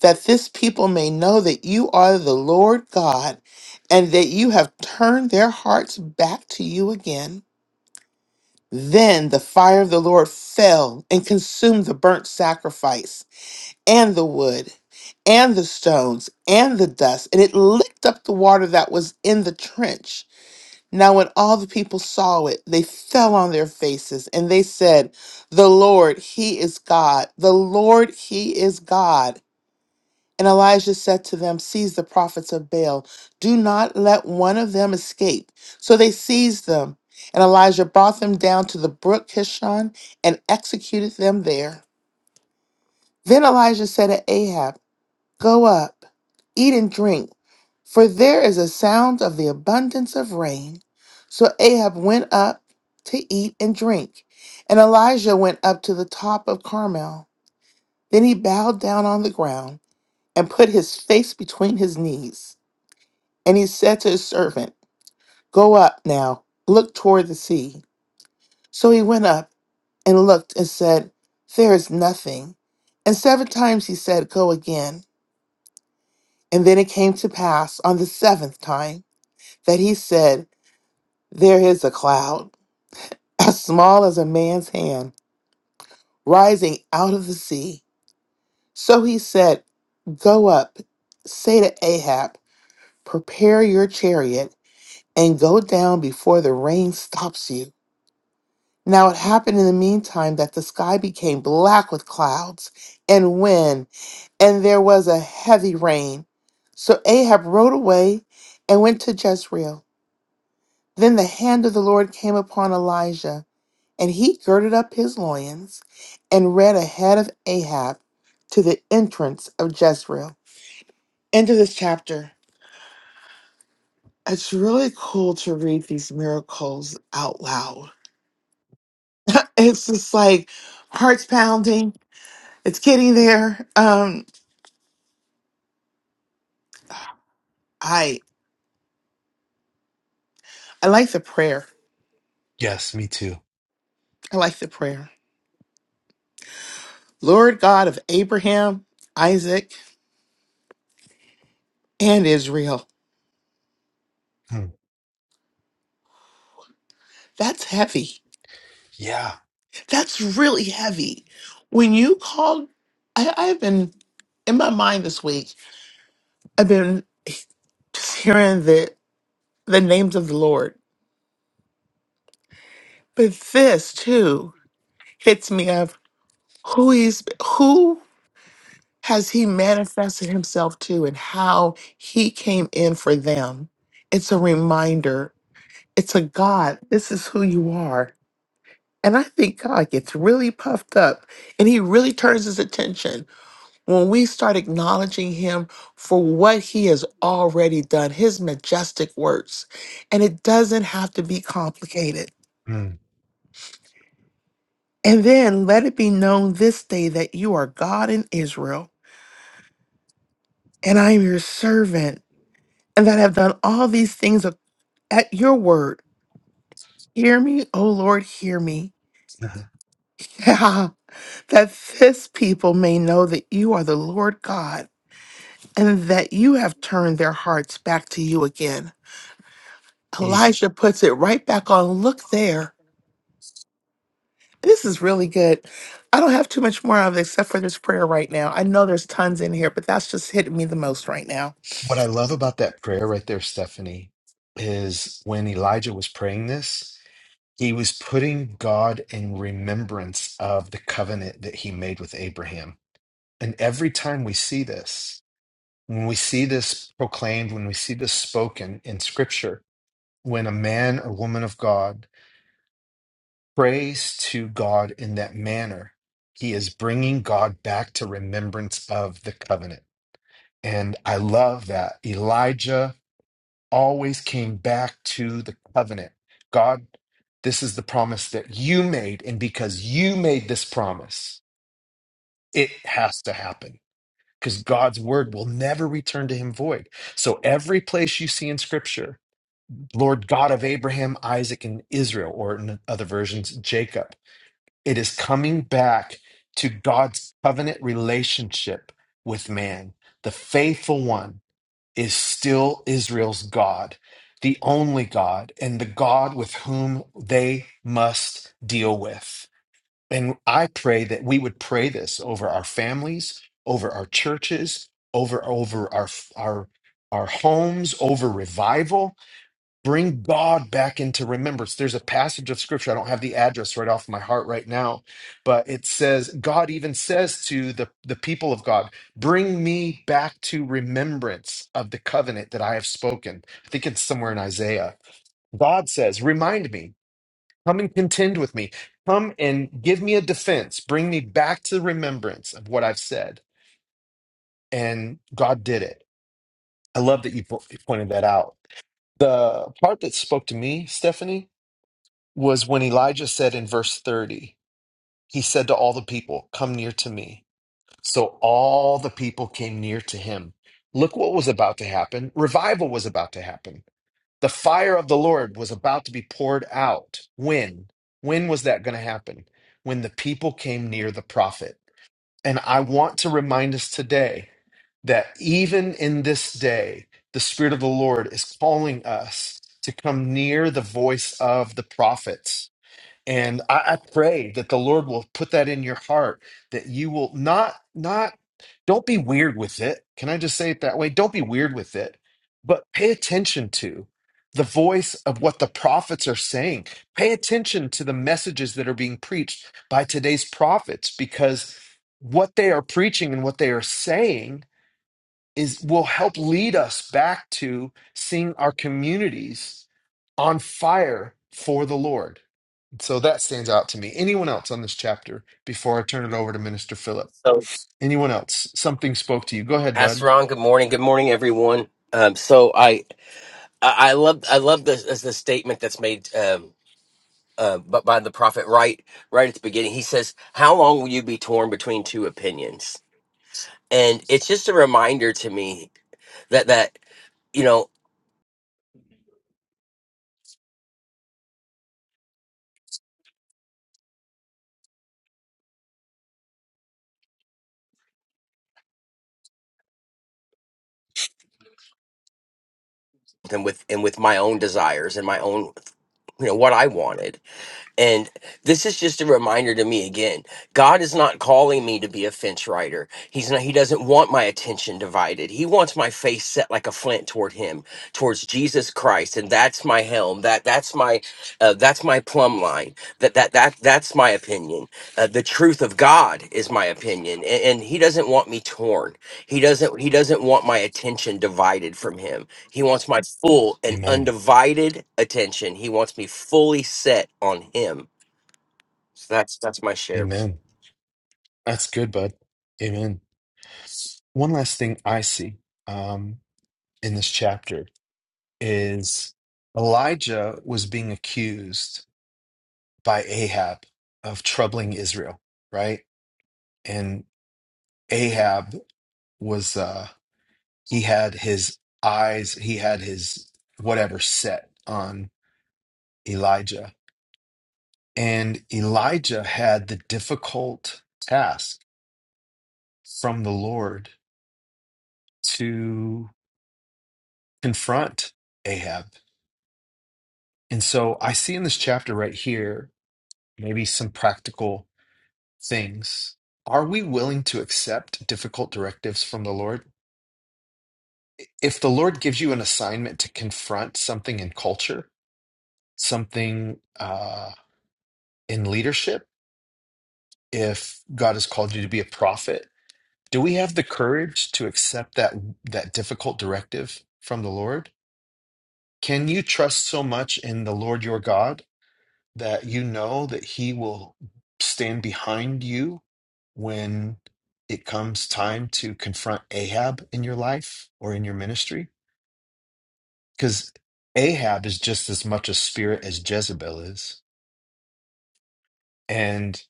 [SPEAKER 2] that this people may know that you are the Lord God, and that you have turned their hearts back to you again. Then the fire of the Lord fell and consumed the burnt sacrifice and the wood and the stones and the dust, and it licked up the water that was in the trench. Now, when all the people saw it, they fell on their faces and they said, The Lord, He is God. The Lord, He is God. And Elijah said to them, Seize the prophets of Baal. Do not let one of them escape. So they seized them. And Elijah brought them down to the brook Kishon and executed them there. Then Elijah said to Ahab, Go up, eat and drink, for there is a sound of the abundance of rain. So Ahab went up to eat and drink, and Elijah went up to the top of Carmel. Then he bowed down on the ground and put his face between his knees. And he said to his servant, Go up now, look toward the sea. So he went up and looked and said, There is nothing. And seven times he said, Go again. And then it came to pass on the seventh time. that he said, There is a cloud, [laughs] as small as a man's hand, rising out of the sea. So he said, Go up, say to Ahab, Prepare your chariot, and go down before the rain stops you. Now it happened in the meantime that the sky became black with clouds and wind, and there was a heavy rain. So Ahab rode away and went to Jezreel. Then the hand of the Lord came upon Elijah And he girded up his loins and ran ahead of Ahab to the entrance of Jezreel. End of this chapter. It's really cool to read these miracles out loud. [laughs] it's just like hearts pounding. It's getting there. Um, I I like the prayer.
[SPEAKER 1] Yes, me too.
[SPEAKER 2] I like the prayer. Lord God of Abraham, Isaac, and Israel.
[SPEAKER 1] Hmm.
[SPEAKER 2] That's heavy.
[SPEAKER 1] Yeah.
[SPEAKER 2] That's really heavy. When you called, I, I've been in my mind this week, I've been just hearing the the names of the Lord. But this too hits me of who he's who has he manifested himself to and how he came in for them. It's a reminder. It's a God. This is who you are. And I think God gets really puffed up and he really turns his attention. when we start acknowledging him for what he has already done, his majestic works, and it doesn't have to be complicated.
[SPEAKER 1] Hmm.
[SPEAKER 2] And then let it be known this day that you are God in Israel, and I am your servant, and that I have done all these things ac- at your word. Hear me, O Lord, hear me.
[SPEAKER 1] [laughs]
[SPEAKER 2] [laughs] that this people may know that you are the Lord God, and that you have turned their hearts back to you again.
[SPEAKER 1] Yeah.
[SPEAKER 2] Elijah puts it right back on. Look there. This is really good. I don't have too much more of it except for this prayer right now. I know there's tons in here, but that's just hitting me the most right now.
[SPEAKER 1] What I love about that prayer right there, Stephanie, is when Elijah was praying this, he was putting God in remembrance of the covenant that he made with Abraham. And every time we see this, when we see this proclaimed, when we see this spoken in scripture, when a man or woman of God prays to God in that manner, he is bringing God back to remembrance of the covenant. And I love that. Elijah always came back to the covenant. God, this is the promise that you made. And because you made this promise, it has to happen because God's word will never return to him void. So every place you see in scripture, Lord God of Abraham, Isaac, and Israel, or in other versions, Jacob. It is coming back to God's covenant relationship with man. The faithful one is still Israel's God, the only God, and the God with whom they must deal with. And I pray that we would pray this over our families, over our churches, over over our our our homes, over revival, Bring God back into remembrance. There's a passage of scripture. I don't have the address right off my heart right now, but it says, God even says to the, the people of God, bring me back to remembrance of the covenant that I have spoken. I think it's somewhere in Isaiah. God says, remind me, come and contend with me, come and give me a defense, bring me back to remembrance of what I've said. And God did it. I love that you po- you pointed that out. The part that spoke to me, Stephanie, was when Elijah said in verse 30, he said to all the people, Come near to me. So all the people came near to him. Look what was about to happen. Revival was about to happen. The fire of the Lord was about to be poured out. When? When was that going to happen? When the people came near the prophet. And I want to remind us today that even in this day, the Spirit of the Lord is calling us to come near the voice of the prophets and I, I pray that the Lord will put that in your heart, that you will not, not, don't be weird with it. Can I just say it that way? Don't be weird with it, but pay attention to the voice of what the prophets are saying. Pay attention to the messages that are being preached by today's prophets, because what they are preaching and what they are saying is will help lead us back to seeing our communities on fire for the Lord so that stands out to me. Anyone else on this chapter before I turn it over to Minister Philip?
[SPEAKER 6] So,
[SPEAKER 1] Anyone else? Something spoke to you. Go ahead,
[SPEAKER 6] Pastor
[SPEAKER 1] bud.
[SPEAKER 6] Ron, good morning. Good morning, everyone. Um, so I, I I love, I love the the statement that's made, um, uh, but by the prophet right, right at the beginning, he says, "How long will you be torn between two opinions?" And it's just a reminder to me that that you know, and with and with my own desires and my own, you know, what I wanted. And this is just a reminder to me again. God is not calling me to be a fence rider. He's not he doesn't want my attention divided. He wants my face set like a flint toward him, towards Jesus Christ. And that's my helm. That that's my uh, that's my plumb line. That that that that's my opinion. Uh, the truth of God is my opinion. And, and he doesn't want me torn. He doesn't he doesn't want my attention divided from him. He wants my full and
[SPEAKER 1] Amen.
[SPEAKER 6] undivided attention. He wants me fully set on him. So that's that's my share.
[SPEAKER 1] Amen. That's good, bud. Amen. One last thing I see um, in this chapter is Elijah was being accused by Ahab of troubling Israel, right? And Ahab was, uh, he had his eyes, he had his whatever set on Elijah And Elijah had the difficult task from the Lord to confront Ahab. And so I see in this chapter right here maybe some practical things. Are we willing to accept difficult directives from the Lord? If the Lord gives you an assignment to confront something in culture, something uh, in leadership, if God has called you to be a prophet, do we have the courage to accept that that difficult directive from the lord can you trust so much in the lord your god that you know that he will stand behind you when it comes time to confront ahab in your life or in your ministry because ahab is just as much a spirit as jezebel is and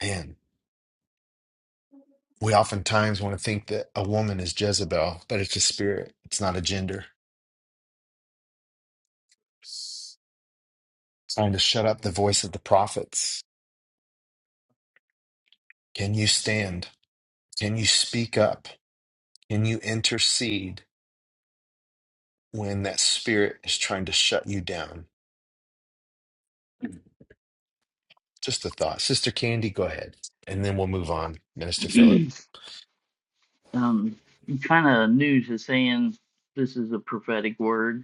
[SPEAKER 1] man we oftentimes want to think that a woman is jezebel but it's a spirit it's not a gender trying to shut up the voice of the prophets. Can you stand? Can you speak up? Can you intercede when that spirit is trying to shut you down? Just a thought. Sister Candy, go ahead. And then we'll move on, Minister Philip.
[SPEAKER 7] [clears throat] um, kind of new to saying this is a prophetic word,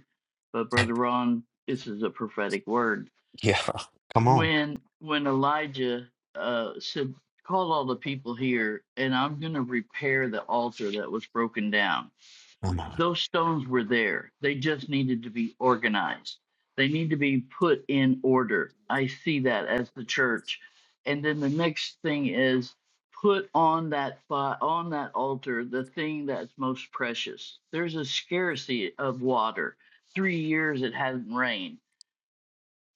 [SPEAKER 7] but Brother
[SPEAKER 1] [laughs]
[SPEAKER 7] Ron, this is a prophetic word.
[SPEAKER 1] yeah. Come on.
[SPEAKER 7] When when Elijah uh, said, "Call all the people here, and I'm going to repair the altar that was broken down,"
[SPEAKER 1] Come on.
[SPEAKER 7] those stones were there. They just needed to be organized. They need to be put in order. I see that as the church. And then the next thing is put on that fi- on that altar the thing that's most precious. There's a scarcity of water. 3 years it hadn't rained.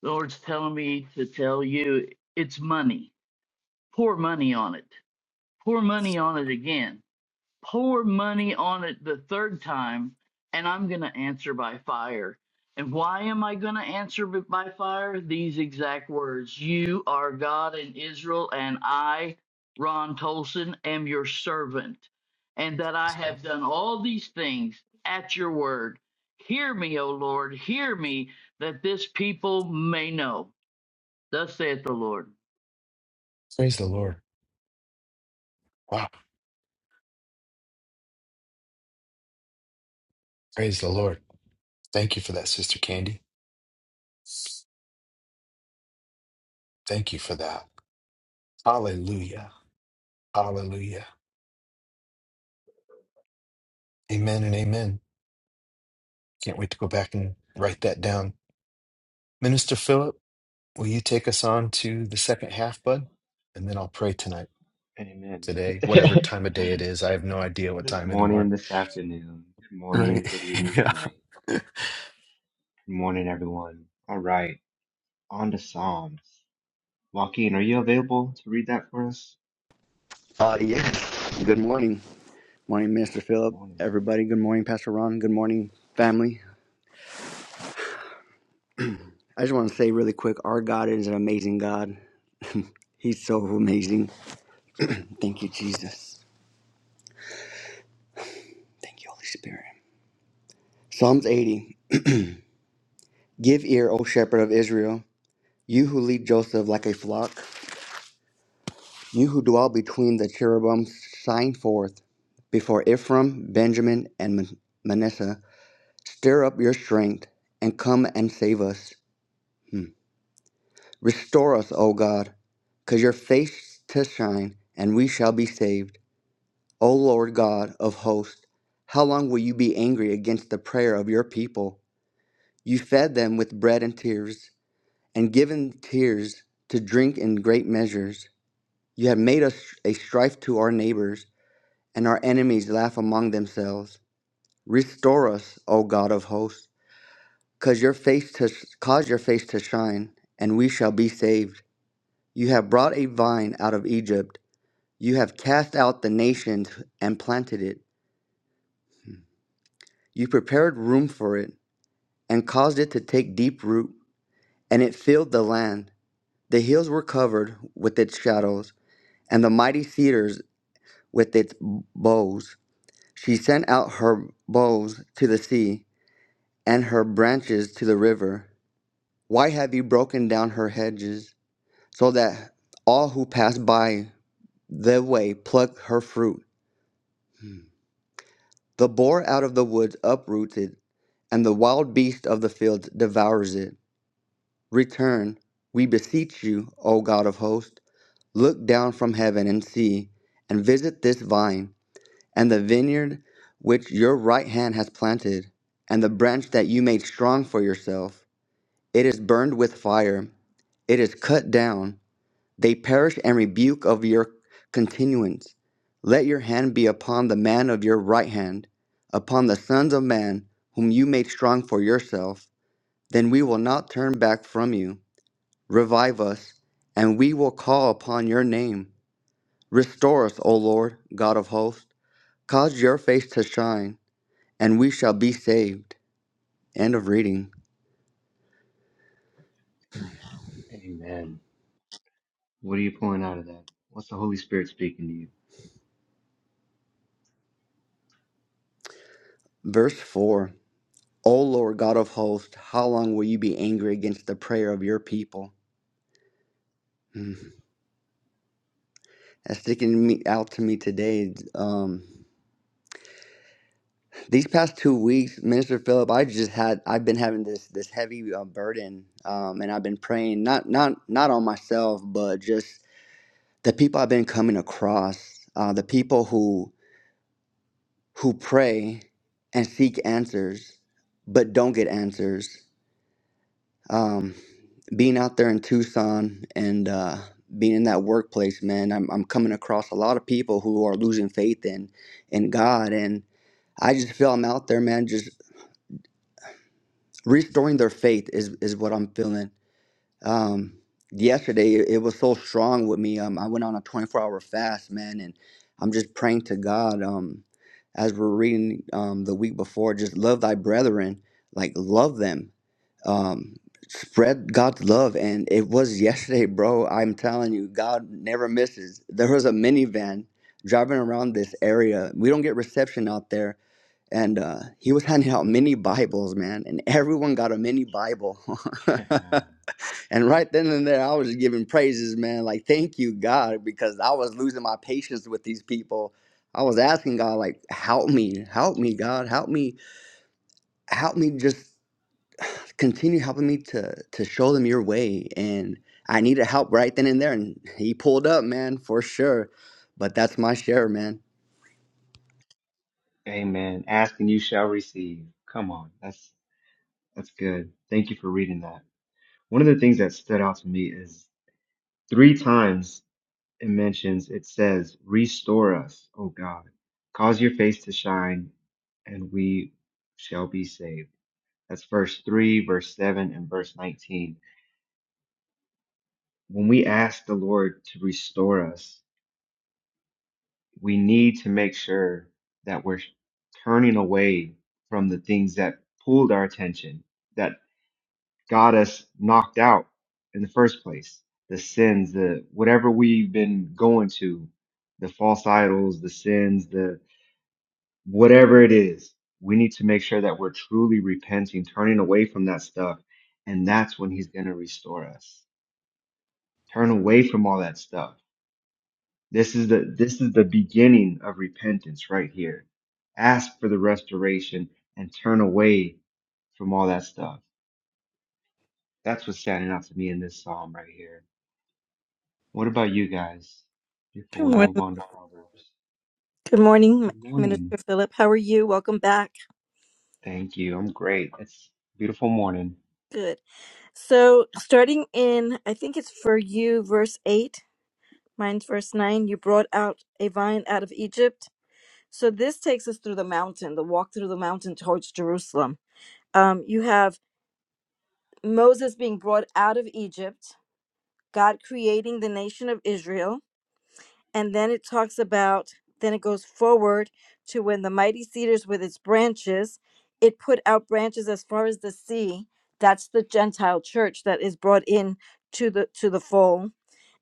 [SPEAKER 7] The Lord's telling me to tell you it's money. Pour money on it. Pour money on it again pour money on it the third time and I'm going to answer by fire. And why am I going to answer b- by fire? These exact words You are God in Israel, and I, Ron Tolson, am your servant, and that I
[SPEAKER 1] Praise the Lord.
[SPEAKER 7] have done all these things at your word. Hear me, O Lord, hear me, that this people may know. Thus saith the Lord.
[SPEAKER 1] Praise the Lord. Wow. Praise the Lord. Thank you for that, Sister Candy. Thank you for that. Hallelujah. Hallelujah. Amen and amen. Can't wait to go back and write that down. Minister Philip. Will you take us on to the second half, bud? And then I'll pray tonight,
[SPEAKER 8] Amen.
[SPEAKER 1] today, whatever
[SPEAKER 8] [laughs]
[SPEAKER 1] time of day it is. I have no idea what
[SPEAKER 8] this
[SPEAKER 1] time anymore.
[SPEAKER 8] morning, this afternoon, good
[SPEAKER 1] Right.
[SPEAKER 8] morning,
[SPEAKER 1] [laughs]
[SPEAKER 8] good evening, good
[SPEAKER 1] Yeah.
[SPEAKER 8] night. Good morning, everyone. All right, on to Psalms. Joaquin, are you available to read that for us?
[SPEAKER 9] Uh, yes. Good morning. Morning, Minister
[SPEAKER 8] Good
[SPEAKER 9] Philip.
[SPEAKER 8] morning.
[SPEAKER 9] Everybody, good morning, Pastor Ron. Good morning, family. I just want to say really quick our God is an amazing God. He's so amazing. Thank you, Jesus. Thank you, Holy Spirit. Psalms 80 [clears throat] Give ear, O shepherd of Israel, you who lead Joseph like a flock, you who dwell between the cherubim, shine forth before Ephraim, Benjamin, and Man- Manasseh. Stir up your strength and come and save us. Hmm. Restore us, O God, cause your face to shine, and we shall be saved. O Lord God of hosts, how long will you be angry against the prayer of your people? You fed them with bread and tears, and given tears to drink in great measures. You have made us a strife to our neighbors, and our enemies laugh among themselves. Restore us, O God of hosts, cause your face to cause your face to shine, and we shall be saved. You have brought a vine out of Egypt You have cast out the nations and planted it. You prepared room for it and caused it to take deep root, and it filled the land. The hills were covered with its shadows, and the mighty cedars with its boughs. She sent out her boughs to the sea and her branches to the river. Why have you broken down her hedges so that all who pass by the way pluck her fruit? The boar out of the woods uprooted and the wild beast of the field devours it. Return, we beseech you, O God of hosts, look down from heaven and see, and visit this vine, and the vineyard which your right hand has planted, and the branch that you made strong for yourself. It is burned with fire, it is cut down. They perish and rebuke of your continuance. Let your hand be upon the man of your right hand, upon the sons of man, whom you made strong for yourself then we will not turn back from you. Revive us, and we will call upon your name. Restore us, O Lord, God of hosts. Cause your face to shine, and we shall be saved. End of reading.
[SPEAKER 8] Amen. What are you pulling out of that? What's the Holy Spirit speaking to
[SPEAKER 9] Verse four. O Lord God of hosts, how long will you be angry against the prayer of your people? Hmm. That's sticking me out to me today. Um, These past two weeks, Minister Philip, I just had I've been having this this heavy uh, burden, um, and I've been praying not not not on myself, but just the people I've been coming across, uh, the people who who pray and seek answers, but don't get answers. Um, being out there in Tucson and uh, being in that workplace, man, I'm I'm coming across a lot of people who are losing faith in in God and I just feel I'm out there, man, just restoring their faith is is what I'm feeling. Um, yesterday it, it was so strong with me. Um, I went on a 24 hour fast, man, and I'm just praying to God. Um, as we're reading um, the week before, just love thy brethren, like love them, um, spread God's love. And it was yesterday, bro. I'm telling you, God never misses. There was a minivan driving around this area. We don't get reception out there and uh, he was handing out mini Bibles, man, and everyone got a mini Bible.
[SPEAKER 8] you?
[SPEAKER 9] [laughs] and right then and there, I was giving praises, man, like thank you, God, because I was losing my patience with these people. I was asking God, like, help me, help me, God, help me, help me, just continue helping me to to show them your way. And I needed help right then and there, and he pulled up, man, for sure. But that's my share, man.
[SPEAKER 8] [laughs] Amen. Ask and you shall receive. Come on, that's that's good. Thank you for reading that. One of the things that stood out to me is three times it mentions, it says, Restore us, O God. Cause your face to shine, and we shall be saved. That's verse 3, verse 7, and verse 19. When we ask the Lord to restore us, we need to make sure that we're turning away from the things that pulled our attention, that got us knocked out in the first place. The sins, the whatever we've been going to, the false idols, the sins, the whatever it is, we need to make sure that we're truly repenting, turning away from that stuff. And that's when he's going to restore us. Turn away from all that stuff. This is the, this is the beginning of repentance right here. Ask for the restoration and turn away from all that stuff. That's what's standing out to me in this psalm right here. What about you guys before
[SPEAKER 5] Good
[SPEAKER 8] we move
[SPEAKER 5] morning.
[SPEAKER 8] on to Proverbs?
[SPEAKER 5] Good morning,
[SPEAKER 8] Good morning.
[SPEAKER 5] Minister Philip. How are you? Welcome back.
[SPEAKER 8] Thank you. I'm great. It's a beautiful morning.
[SPEAKER 5] Good. So, starting in, I think it's for you, verse 8, mine's verse 9, you brought out a vine out of Egypt. So, this takes us through the mountain, the walk through the mountain towards Jerusalem. Um, you have Moses being brought out of Egypt, God creating the nation of Israel, and then it talks about then it goes forward to when the mighty cedars with its branches it put out branches as far as the sea that's the gentile church that is brought in to the to the fold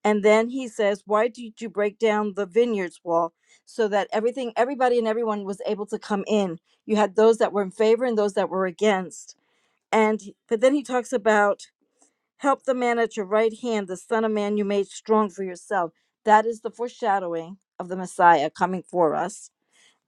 [SPEAKER 5] and then he says why did you break down the vineyards wall so that everything everybody and everyone was able to come in you had those that were in favor and those that were against and but then he talks about Help the man at your right hand, the Son of Man you made strong for yourself. That is the foreshadowing of the Messiah coming for us.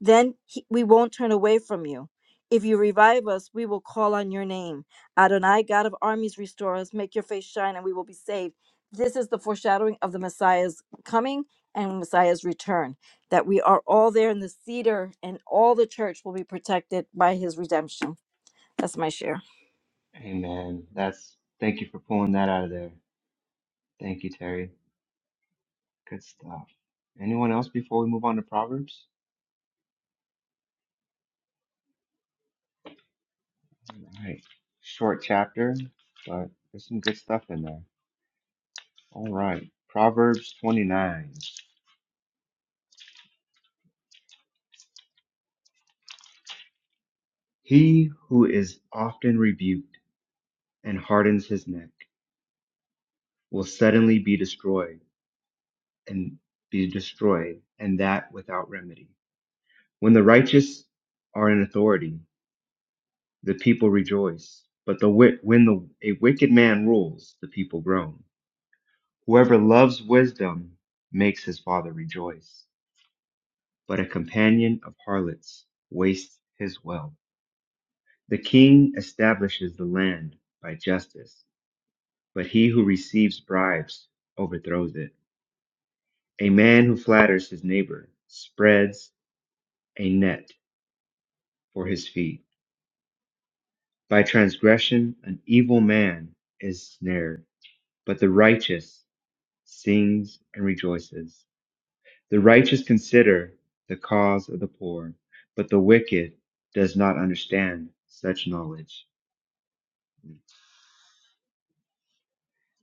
[SPEAKER 5] Then he, we won't turn away from you. If you revive us, we will call on your name. Adonai, God of armies, restore us. Make your face shine, and we will be saved. This is the foreshadowing of the Messiah's coming and Messiah's return, that we are all there in the cedar, and all the church will be protected by his redemption. That's my share.
[SPEAKER 8] Amen. That's thank you for pulling that out of there. Thank you, Terry. Good stuff. Anyone else before we move on to Proverbs? All right. Short chapter, but there's some good stuff in there. All right. Proverbs 29. He who is often rebuked and hardens his neck will suddenly be destroyed and be destroyed, and that without remedy. When the righteous are in authority, The people rejoice. But the wi- when the, a wicked man rules, the people groan. Whoever loves wisdom makes his father rejoice. But a companion of harlots wastes his wealth. The king establishes the land by justice, but he who receives bribes overthrows it. A man who flatters his neighbor spreads a net for his feet. By transgression, an evil man is snared, but the righteous sings and rejoices. The righteous consider the cause of the poor, but the wicked does not understand such knowledge.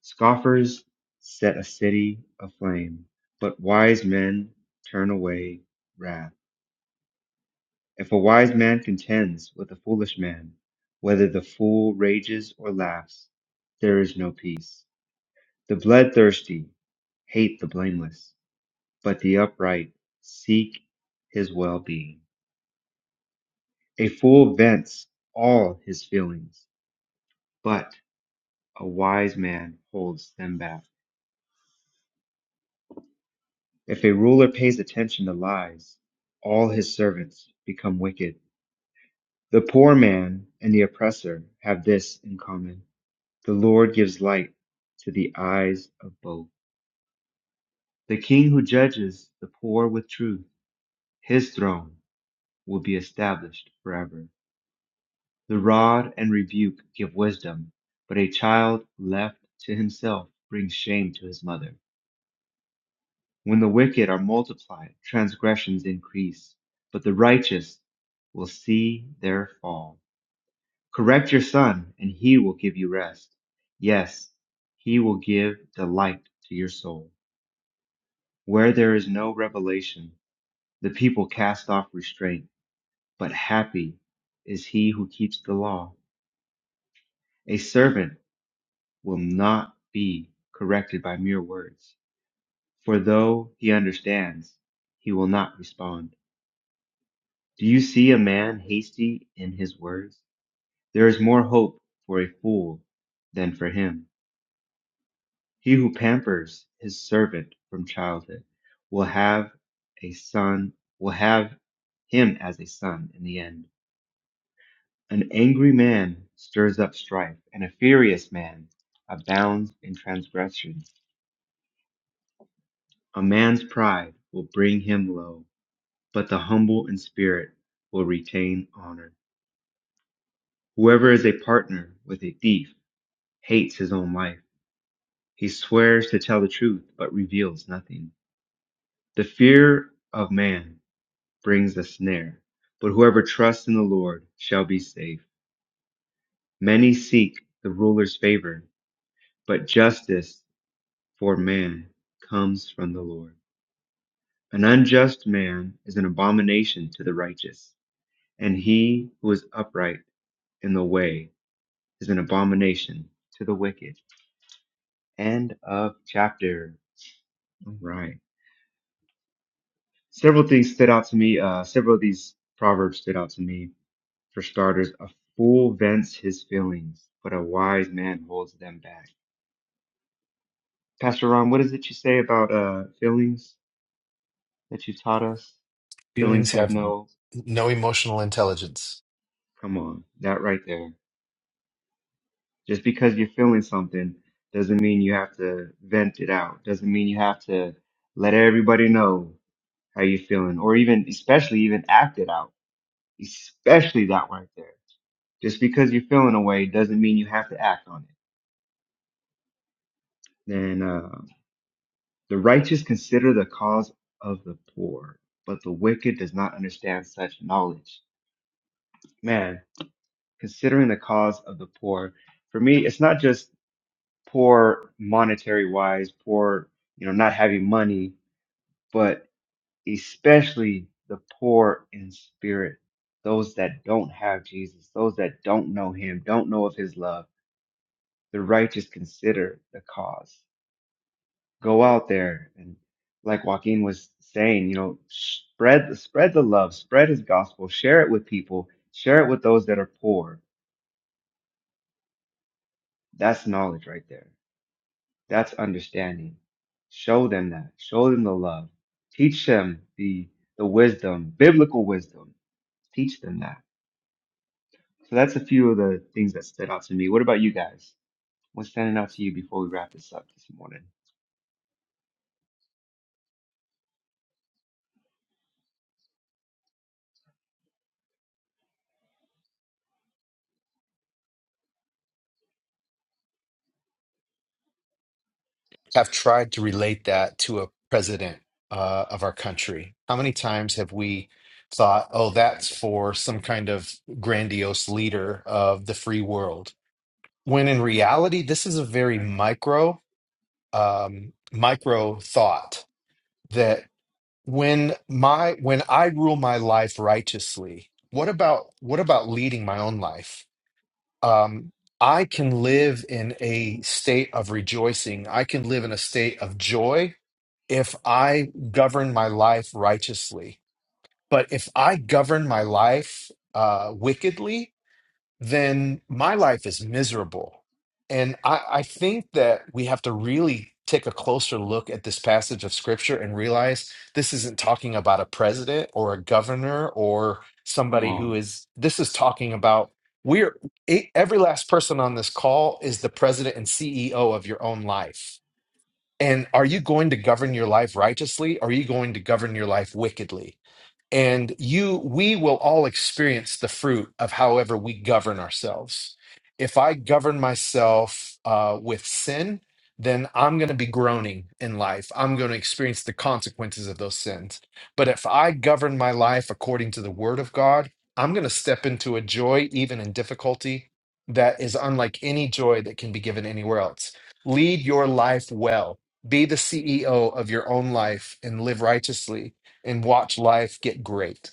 [SPEAKER 8] Scoffers set a city aflame, but wise men turn away wrath. If a wise man contends with a foolish man, whether the fool rages or laughs, there is no peace. The bloodthirsty hate the blameless, but the upright seek his well being. A fool vents all his feelings, but a wise man holds them back. If a ruler pays attention to lies, all his servants become wicked. The poor man and the oppressor have this in common. The Lord gives light to the eyes of both. The king who judges the poor with truth, his throne will be established forever. The rod and rebuke give wisdom, but a child left to himself brings shame to his mother. When the wicked are multiplied, transgressions increase, but the righteous will see their fall. Correct your son, and he will give you rest. Yes, he will give delight to your soul. Where there is no revelation, the people cast off restraint, but happy is he who keeps the law. A servant will not be corrected by mere words, for though he understands, he will not respond. Do you see a man hasty in his words? There is more hope for a fool than for him. He who pampers his servant from childhood will have a son, will have him as a son in the end. An angry man stirs up strife, and a furious man abounds in transgression. A man's pride will bring him low, but the humble in spirit will retain honor. Whoever is a partner with a thief hates his own life. He swears to tell the truth, but reveals nothing. The fear of man brings a snare, but whoever trusts in the Lord shall be safe. Many seek the ruler's favor, but justice for man comes from the Lord. An unjust man is an abomination to the righteous, and he who is upright in the way is an abomination to the wicked. End of chapter. All Right. Several things stood out to me. Uh, several of these proverbs stood out to me. For starters, a fool vents his feelings, but a wise man holds them back. Pastor Ron, what is it you say about uh, feelings that you taught us? Feelings
[SPEAKER 1] Feelings
[SPEAKER 8] have
[SPEAKER 1] have
[SPEAKER 8] no.
[SPEAKER 1] no emotional intelligence.
[SPEAKER 8] Come on, that right there. Just because you're feeling something doesn't mean you have to vent it out. Doesn't mean you have to let everybody know how you're feeling, or even, especially, even act it out especially that right there. Just because you're feeling a way doesn't mean you have to act on it. And uh, the righteous consider the cause of the poor, but the wicked does not understand such knowledge. Man, considering the cause of the poor, for me, it's not just poor monetary wise, poor, you know, not having money, but especially the poor in spirit, those that don't have Jesus, those that don't know him, don't know of his love the righteous consider the cause. Go out there and, like Joaquin was saying, you know, spread spread the love, spread his gospel, share it with people, share it with those that are poor. That's knowledge right there. That's understanding. Show them that. Show them the love. Teach them the the wisdom, biblical wisdom. Teach them that. So that's a few of the things that stood out to me. What about you guys? What's standing out to you before we wrap this up this morning?
[SPEAKER 1] Have tried to relate that to a president uh, of our country. How many times have we thought, oh,
[SPEAKER 8] Right.
[SPEAKER 1] that's for some kind of grandiose leader of the free world? When in reality, this is a very micro, um, micro thought that. when my when i rule my life righteously what about what about leading my own life um i can live in a state of rejoicing i can live in a state of joy if i govern my life righteously but if i govern my life uh wickedly then my life is miserable. And I, I think that we have to really take a closer look at this passage of scripture and realize this isn't talking about a president or a governor or
[SPEAKER 8] Come
[SPEAKER 1] somebody who
[SPEAKER 8] on.
[SPEAKER 1] is, this is talking about we're e- every last person on this call is the president and CEO of your own life. And are you going to govern your life righteously? Or are you going to govern your life wickedly? and you we will all experience the fruit of however we govern ourselves if i govern myself uh, with sin then i'm going to be groaning in life i'm going to experience the consequences of those sins but if i govern my life according to the word of god i'm going to step into a joy even in difficulty that is unlike any joy that can be given anywhere else lead your life well be the ceo of your own life and live righteously and watch life get great.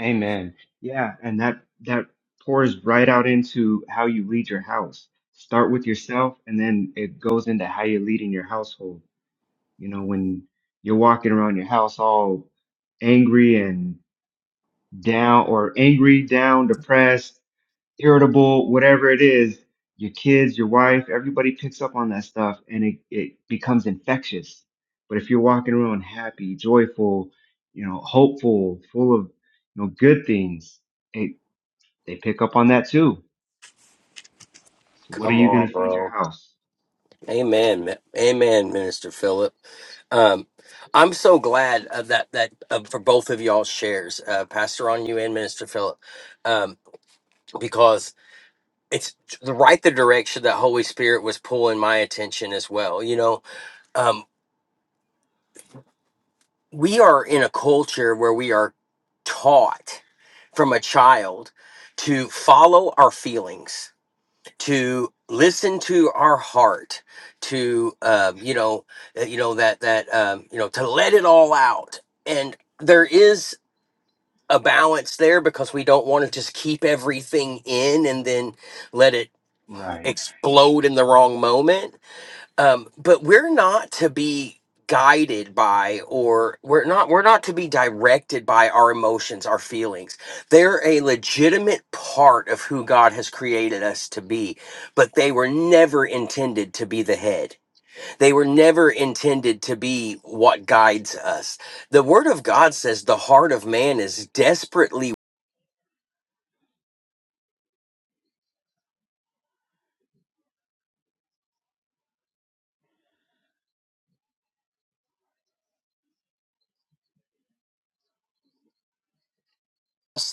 [SPEAKER 8] Amen. Yeah, and that that pours right out into how you lead your house. Start with yourself, and then it goes into how you're leading your household. You know, when you're walking around your house all angry and down, or angry, down, depressed irritable, whatever it is, your kids, your wife, everybody picks up on that stuff and it, it becomes infectious. But if you're walking around happy, joyful, you know, hopeful, full of you know good things, it, they pick up on that too. So what are
[SPEAKER 6] Come
[SPEAKER 8] you gonna
[SPEAKER 6] on,
[SPEAKER 8] feed your
[SPEAKER 6] bro.
[SPEAKER 8] house?
[SPEAKER 6] Amen. mi- Amen, Minister Philip. Um, I'm so glad of that that uh, for both of y'all shares, uh, Pastor on you and Minister Philip, um, because it's the right the direction that Holy Spirit was pulling my attention as well. You know, Um, we are in a culture where we are taught from a child to follow our feelings to listen to our heart to um, you know uh, you know that that um, you know to let it all out and there is a balance there because we don't want to just keep everything in and then let it
[SPEAKER 8] Right.
[SPEAKER 6] explode in the wrong moment um, but we're not to be guided by or we're not we're not to be directed by our emotions our feelings they're a legitimate part of who god has created us to be but they were never intended to be the head they were never intended to be what guides us the word of god says the heart of man is desperately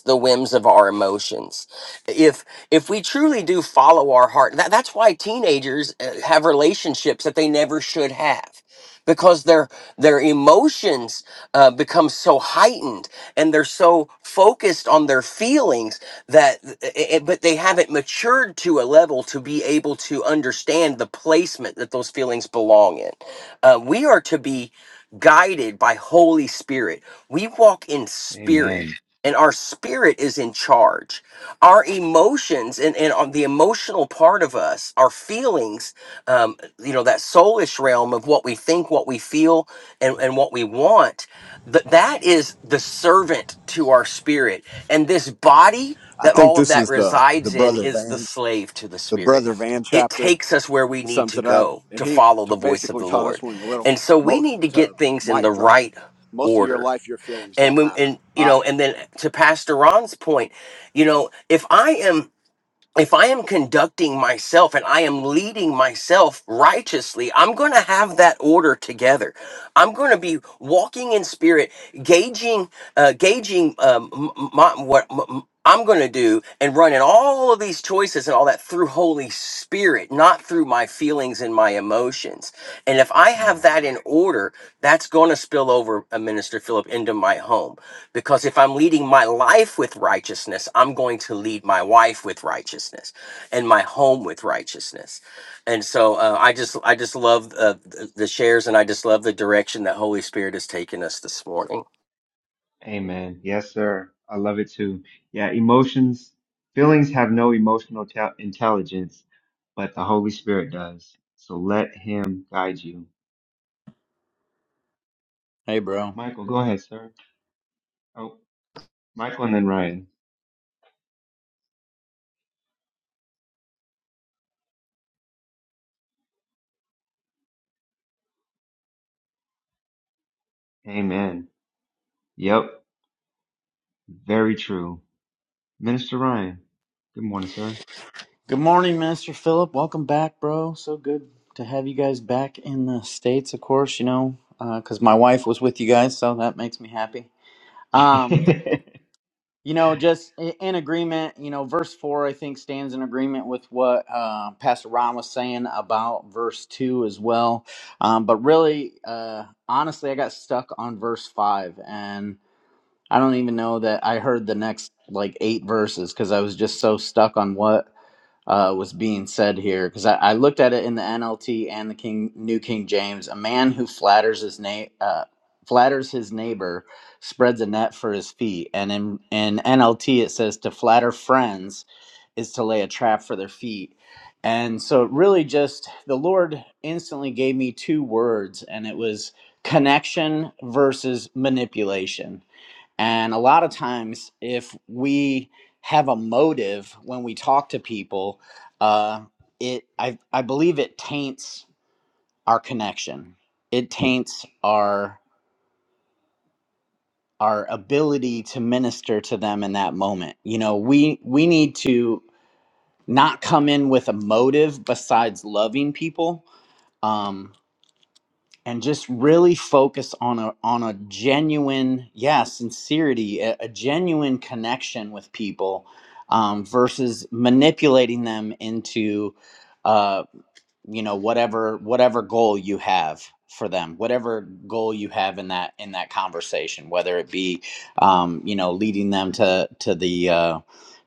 [SPEAKER 6] the whims of our emotions if if we truly do follow our heart that, that's why teenagers uh, have relationships that they never should have because their their emotions uh, become so heightened and they're so focused on their feelings that eh, eh, but they haven't matured to a level to be able to understand the placement that those feelings belong in uh, we are to be guided by holy spirit we walk in spirit
[SPEAKER 8] Amen.
[SPEAKER 6] and our spirit is in charge our emotions and, and on the emotional part of us our feelings um, you know that soulish realm of what we think what we feel and, and what we want th- that is the servant to our spirit and this body
[SPEAKER 4] I
[SPEAKER 6] that
[SPEAKER 4] think
[SPEAKER 6] all of
[SPEAKER 4] this
[SPEAKER 6] that
[SPEAKER 4] is the the
[SPEAKER 6] resides in
[SPEAKER 4] brother
[SPEAKER 6] is the
[SPEAKER 4] Van
[SPEAKER 6] slave to the
[SPEAKER 4] the
[SPEAKER 6] spirit
[SPEAKER 4] brother Van
[SPEAKER 6] it
[SPEAKER 4] chapter
[SPEAKER 6] takes us where we
[SPEAKER 4] that
[SPEAKER 6] need
[SPEAKER 4] sums
[SPEAKER 6] to
[SPEAKER 4] it up,
[SPEAKER 6] go
[SPEAKER 4] and
[SPEAKER 6] to
[SPEAKER 4] he
[SPEAKER 6] follow the
[SPEAKER 4] t-
[SPEAKER 6] voice of
[SPEAKER 4] basically
[SPEAKER 6] the
[SPEAKER 4] taught us
[SPEAKER 6] lord
[SPEAKER 4] when we were little
[SPEAKER 6] and so we
[SPEAKER 4] mo-
[SPEAKER 6] need to
[SPEAKER 4] to
[SPEAKER 6] get things in the
[SPEAKER 4] mic drop.
[SPEAKER 6] right
[SPEAKER 4] Most of your
[SPEAKER 6] order
[SPEAKER 4] life, your feelings
[SPEAKER 6] and
[SPEAKER 4] don't
[SPEAKER 6] when
[SPEAKER 4] matter.
[SPEAKER 6] and you
[SPEAKER 4] Bye.
[SPEAKER 6] know and then to pastor ron's point you know if i am if i am conducting myself and i am leading myself righteously i'm going to have that order together i'm going to be walking in spirit gauging uh gauging um m- m- my, what m- m- i'm going to do and running all of these choices and all that through holy spirit not through my feelings and my emotions and if i have
[SPEAKER 8] Right.
[SPEAKER 6] that in order that's going to spill over a minister philip into my home because if I'm leading my life with righteousness, I'm going to lead my wife with righteousness and my home with righteousness. And so uh, I just I just love uh, the the shares and I just love the direction that Holy Spirit has taken us this morning.
[SPEAKER 8] Amen. Yes, sir. I love it too. Yeah, emotions, feelings have no emotional tel- intelligence, but the Holy Spirit does. So let Him guide you.
[SPEAKER 10] Hey, bro.
[SPEAKER 8] Michael, go ahead, sir. Oh, Michael and then Ryan. Amen. Yep, very true. Minister Ryan, good morning, sir.
[SPEAKER 10] Good morning, Minister Philip. Welcome back, bro. So good to have you guys back in the States, of course, you know, because my wife was with you guys, so that makes me happy.
[SPEAKER 8] [laughs]
[SPEAKER 10] Um,
[SPEAKER 8] yeah.
[SPEAKER 10] you know, just i- in agreement, you know, verse four, I think, stands in agreement with what uh, Pastor Ron was saying about verse two as well. Um, but really, uh, honestly, I got stuck on verse five and I don't even know that I heard the next like eight verses because I was just so stuck on what uh, was being said here because I, I looked at it in the NLT and the King New King James. A man who flatters his na- uh, flatters his neighbor spreads a net for his feet. And in in NLT it says to flatter friends is to lay a trap for their feet. And so it really just the Lord instantly gave me two words, and it was connection versus manipulation and a lot of times, if we have a motive when we talk to people, uh, it I, I believe it taints our connection. It taints our our ability to minister to them in that moment. You know, we we need to not come in with a motive besides loving people. Um, and just really focus on a on a genuine yeah sincerity a, a genuine connection with people um, versus manipulating them into uh, you know whatever whatever goal you have for them whatever goal you have in that in that conversation whether it be um, you know leading them to to the uh,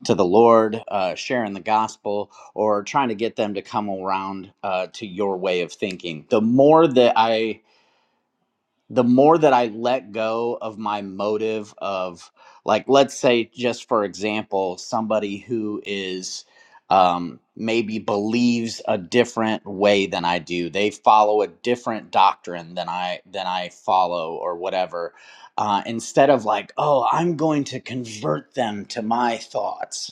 [SPEAKER 10] to the Lord, uh, sharing the gospel, or trying to get them to come around uh, to your way of thinking. The more that I the more that I let go of my motive of like let's say just for example somebody who is um, maybe believes a different way than I do they follow a different doctrine than I than I follow or whatever uh, instead of like oh I'm going to convert them to my thoughts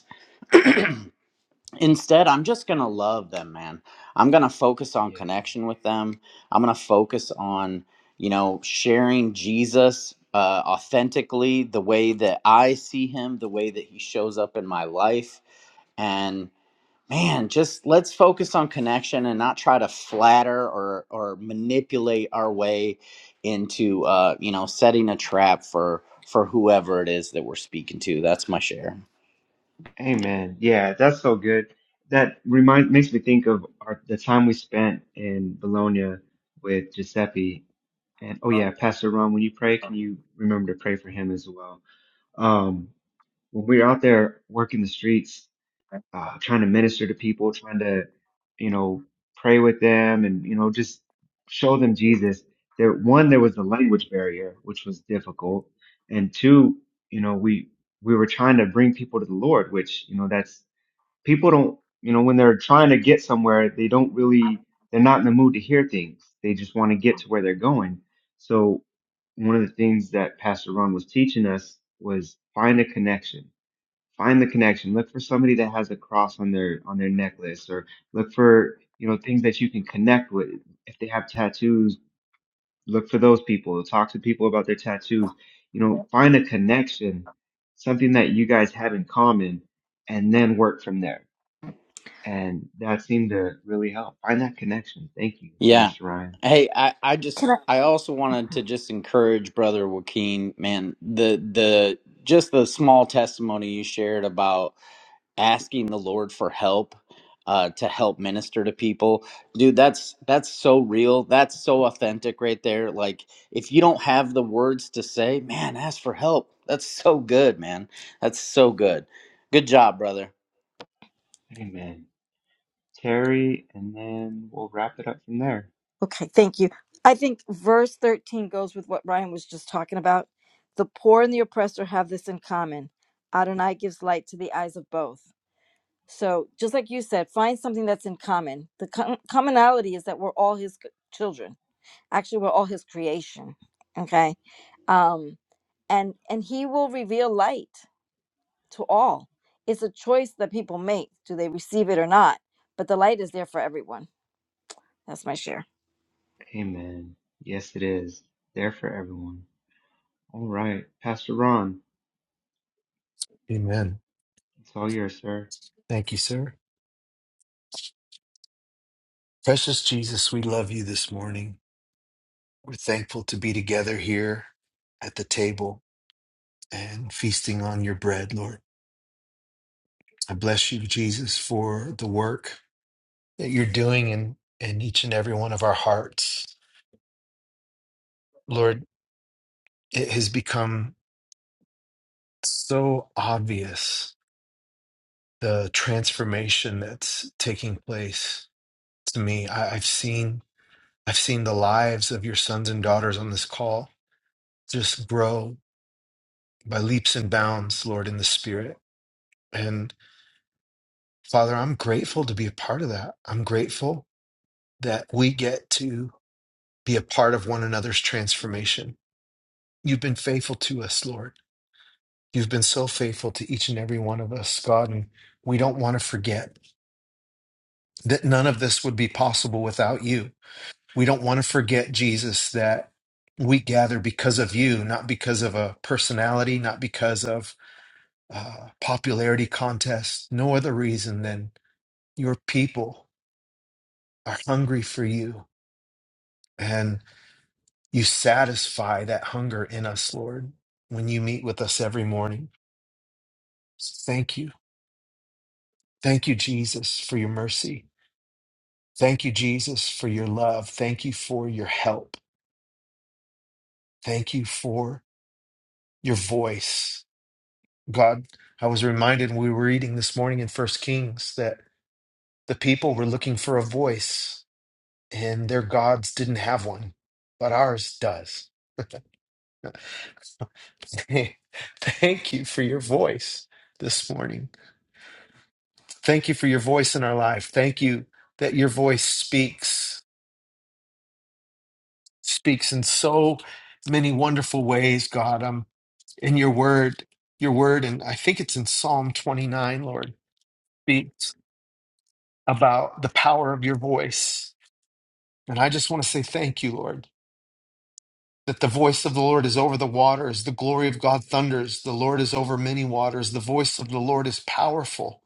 [SPEAKER 10] Instead, I'm just going to love them, man. I'm going to focus on connection with them. I'm going to focus on, you know, sharing Jesus uh, authentically, the way that I see him, the way that he shows up in my life. and man just let's focus on connection and not try to flatter or or manipulate our way into uh you know setting a trap for for whoever it is that we're speaking to that's my share
[SPEAKER 8] Amen. Yeah, that's so good. That remind makes me think of our, the time we spent in Bologna with Giuseppe And oh yeah, Pastor Ron, when you pray, can you remember to pray for him as well? Um, when we're out there working the streets, uh, trying to minister to people, trying to, you know, pray with them and, you know, just show them Jesus. There, one, there was the language barrier, which was difficult. And two, you know, we, we were trying to bring people to the Lord, which, you know, that's people don't you know when they're trying to get somewhere they don't really they're not in the mood to hear things they just want to get to where they're going so one of the things that pastor ron was teaching us was find a connection find the connection look for somebody that has a cross on their on their necklace or look for you know things that you can connect with if they have tattoos look for those people talk to people about their tattoos you know find a connection something that you guys have in common and then work from there and that seemed to really help. Find that connection. Thank you,
[SPEAKER 10] Yeah.
[SPEAKER 8] Minister Ryan.
[SPEAKER 10] Hey, I, I just
[SPEAKER 5] Can I?
[SPEAKER 10] I also wanted to just encourage brother Joaquin, man, the the just the small testimony you shared about asking the Lord for help uh to help minister to people. Dude, that's that's so real. That's so authentic right there. Like if you don't have the words to say, man, ask for help. That's so good, man. That's so good. Good job, brother.
[SPEAKER 8] Amen. Terry, and then we'll wrap it up from there.
[SPEAKER 5] Okay, thank you. I think verse 13 goes with what Ryan was just talking about. The poor and the oppressor have this in common Adonai gives light to the eyes of both. So, just like you said, find something that's in common. The com- commonality is that we're all his c- children. Actually, we're all his creation. Okay. Um, and and he will reveal light to all. It's a choice that people make. Do they receive it or not? But the light is there for everyone. That's my share.
[SPEAKER 8] Amen. Yes, it is. There for everyone. All right. Pastor Ron,
[SPEAKER 1] Amen.
[SPEAKER 8] it's all yours, sir.
[SPEAKER 1] Thank you, sir. Precious Jesus, we love you this morning. We're thankful to be together here at the table and feasting on your bread, Lord. I bless you, Jesus, for the work that you're doing in, in each and every one of our hearts. Lord, it has become so obvious the transformation that's taking place to me. I, I've seen I've seen the lives of your sons and daughters on this call just grow by leaps and bounds, Lord, in the spirit. And Father, I'm grateful to be a part of that. I'm grateful that we get to be a part of one another's transformation. You've been faithful to us, Lord. You've been so faithful to each and every one of us, God. And we don't want to forget that none of this would be possible without you. We don't want to forget, Jesus, that we gather because of you, not because of a personality, not because of uh, popularity contests, no other reason than your people are hungry for you. And you satisfy that hunger in us, Lord, when you meet with us every morning. So Thank you. Thank you, Jesus, for your mercy. Thank you, Jesus, for your love. Thank you for your help. Thank you for your voice. God, I was reminded when we were reading this morning in First Kings that the people were looking for a voice and their gods didn't have one, but ours does. [laughs] Thank you for your voice this morning. Thank you for your voice in our life. Thank you that your voice speaks, speaks in so many wonderful ways, God. Um, in your word, your word, and I think it's in Psalm 29, Lord, speaks about the power of your voice. And I just want to say thank you, Lord. that the voice of the Lord is over the waters, the glory of God thunders, the Lord is over many waters, the voice of the Lord is powerful,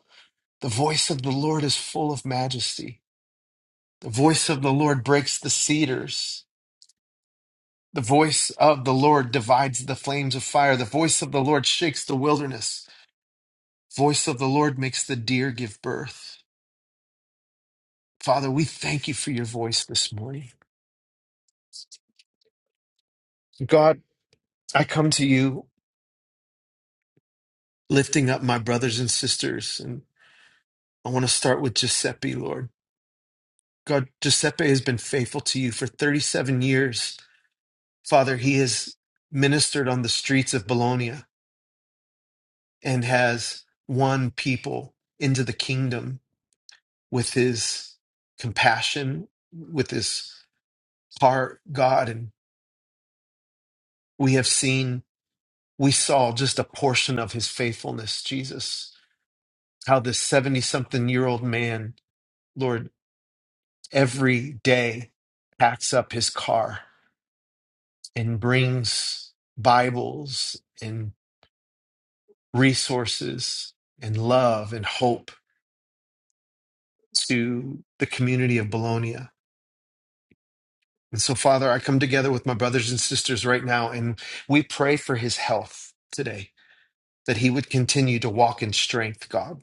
[SPEAKER 1] the voice of the Lord is full of majesty, the voice of the Lord breaks the cedars, the voice of the Lord divides the flames of fire, the voice of the Lord shakes the wilderness, the voice of the Lord makes the deer give birth. Father, we thank you for your voice this morning. God, I come to you lifting up my brothers and sisters, and I want to start with Giuseppe, Lord. God, Giuseppe has been faithful to you for 37 years. Father, he has ministered on the streets of Bologna and has won people into the kingdom with his compassion, with his heart, God. And we have seen, we saw just a portion of his faithfulness, Jesus, how this 70 something year old man, Lord, every day packs up his car and brings Bibles and. resources and love and hope to the community of Bologna. And so, Father, I come together with my brothers and sisters right now, and we pray for his health today, that he would continue to walk in strength, God,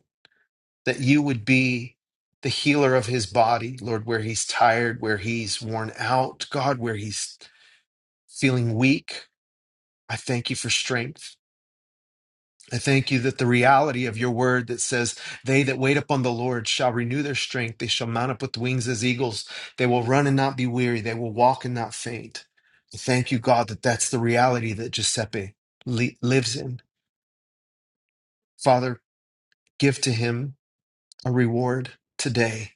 [SPEAKER 1] that you would be the healer of his body, Lord, where he's tired, where he's worn out, God, where he's feeling weak. I thank you for strength. I thank you that the reality of your word that says, They that wait upon the Lord shall renew their strength. They shall mount up with wings as eagles. They will run and not be weary. They will walk and not faint. I thank you, God, that that's the reality that Giuseppe li- lives in. Father, give to him a reward today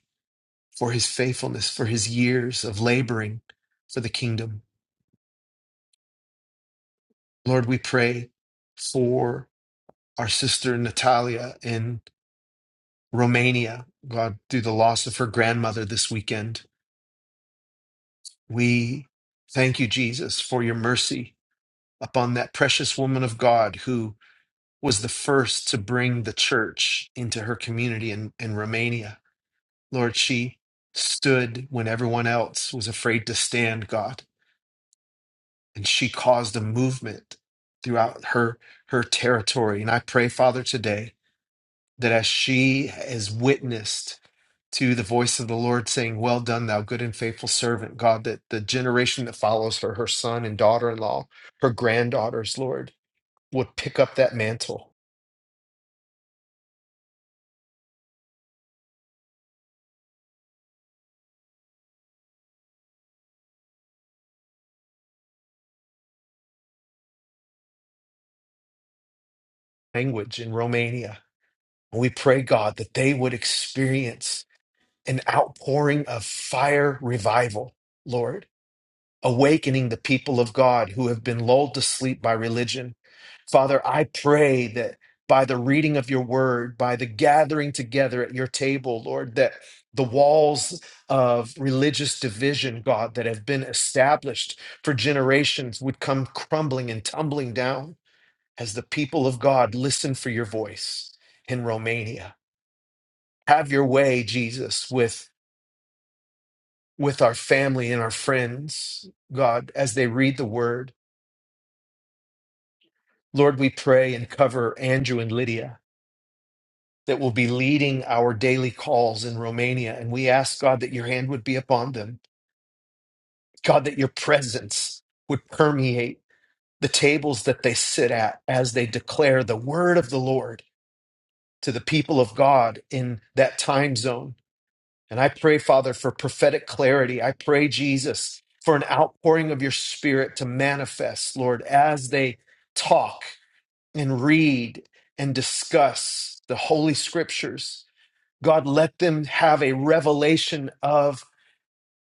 [SPEAKER 1] for his faithfulness, for his years of laboring for the kingdom. Lord, we pray for our sister Natalia in Romania, God, through the loss of her grandmother this weekend. We thank you, Jesus, for your mercy upon that precious woman of God who was the first to bring the church into her community in, in Romania. Lord, she stood when everyone else was afraid to stand, God, and she caused a movement throughout her her territory. And I pray, Father, today that as she is witnessed to the voice of the Lord saying, Well done, thou good and faithful servant, God, that the generation that follows her, her son and daughter in law, her granddaughters, Lord, would pick up that mantle language in Romania. And we pray, God, that they would experience an outpouring of fire revival, Lord awakening the people of God who have been lulled to sleep by religion. Father, I pray that by the reading of your word, by the gathering together at your table, Lord, that the walls of religious division, God, that have been established for generations would come crumbling and tumbling down as the people of God listen for your voice in Romania. Have your way, Jesus, with, with our family and our friends, God, as they read the word Lord, we pray and cover Andrew and Lydia that will be leading our daily calls in Romania. And we ask, God, that your hand would be upon them. God, that your presence would permeate the tables that they sit at as they declare the word of the Lord to the people of God in that time zone. And I pray, Father, for prophetic clarity. I pray, Jesus, for an outpouring of your spirit to manifest, Lord, as they talk and read and discuss the Holy Scriptures. God, let them have a revelation of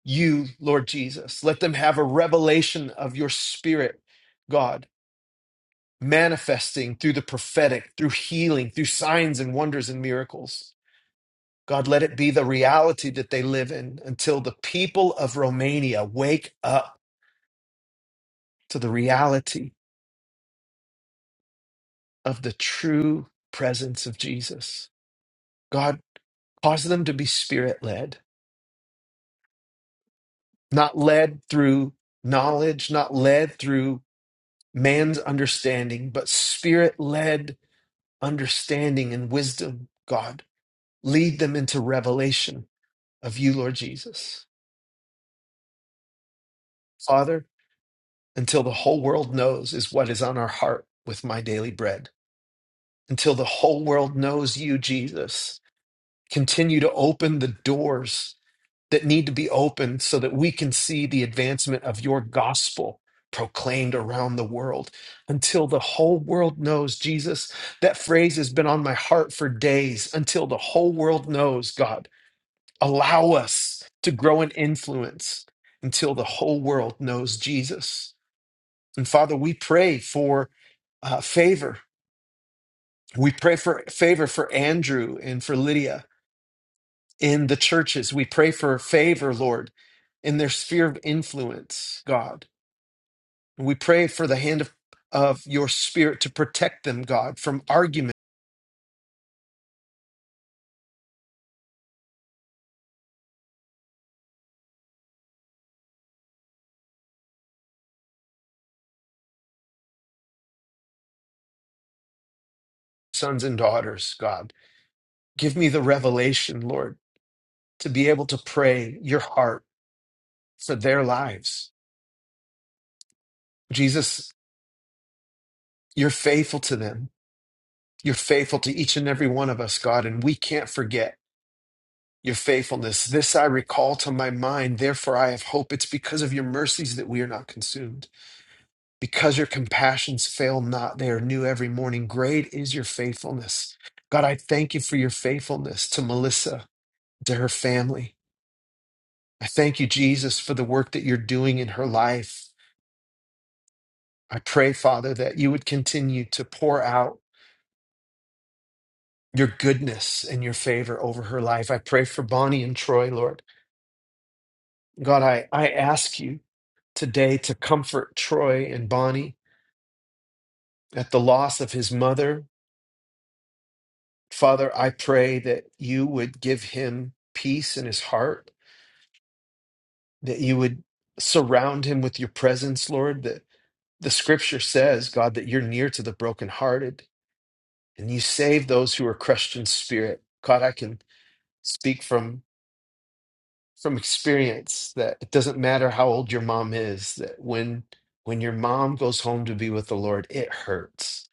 [SPEAKER 1] you, Lord Jesus. Let them have a revelation of your Spirit, God, manifesting through the prophetic, through healing, through signs and wonders and miracles. God, let it be the reality that they live in until the people of Romania wake up to the reality of the true presence of Jesus. God, cause them to be spirit led not led through knowledge, not led through man's understanding, but spirit led understanding and wisdom, God. Lead them into revelation of you, Lord Jesus. Father, until the whole world knows is what is on our heart with my daily bread. Until the whole world knows you, Jesus, continue to open the doors that need to be opened so that we can see the advancement of your gospel proclaimed around the world until the whole world knows Jesus. That phrase has been on my heart for days until the whole world knows, God. Allow us to grow in influence until the whole world knows Jesus. And Father, we pray for uh, favor. We pray for favor for Andrew and for Lydia. in the churches. We pray for favor, Lord, in their sphere of influence, God. We pray for the hand of, of your spirit to protect them, God, from argument, sons and daughters, God. Give me the revelation, Lord, to be able to pray your heart for their lives. Jesus, you're faithful to them. You're faithful to each and every one of us, God, and we can't forget your faithfulness. This I recall to my mind, therefore I have hope. It's because of your mercies that we are not consumed. Because your compassions fail not, they are new every morning. Great is your faithfulness. God, I thank you for your faithfulness to Melissa, to her family. I thank you, Jesus, for the work that you're doing in her life. I pray, Father, that you would continue to pour out your goodness and your favor over her life. I pray for Bonnie and Troy, Lord. God, I, I ask you today to comfort Troy and Bonnie at the loss of his mother Father, I pray that you would give him peace in his heart, that you would surround him with your presence, Lord. That the scripture says, God, that you're near to the brokenhearted and you save those who are crushed in spirit. God, I can speak from from experience that it doesn't matter how old your mom is, that when when your mom goes home to be with the Lord, it hurts.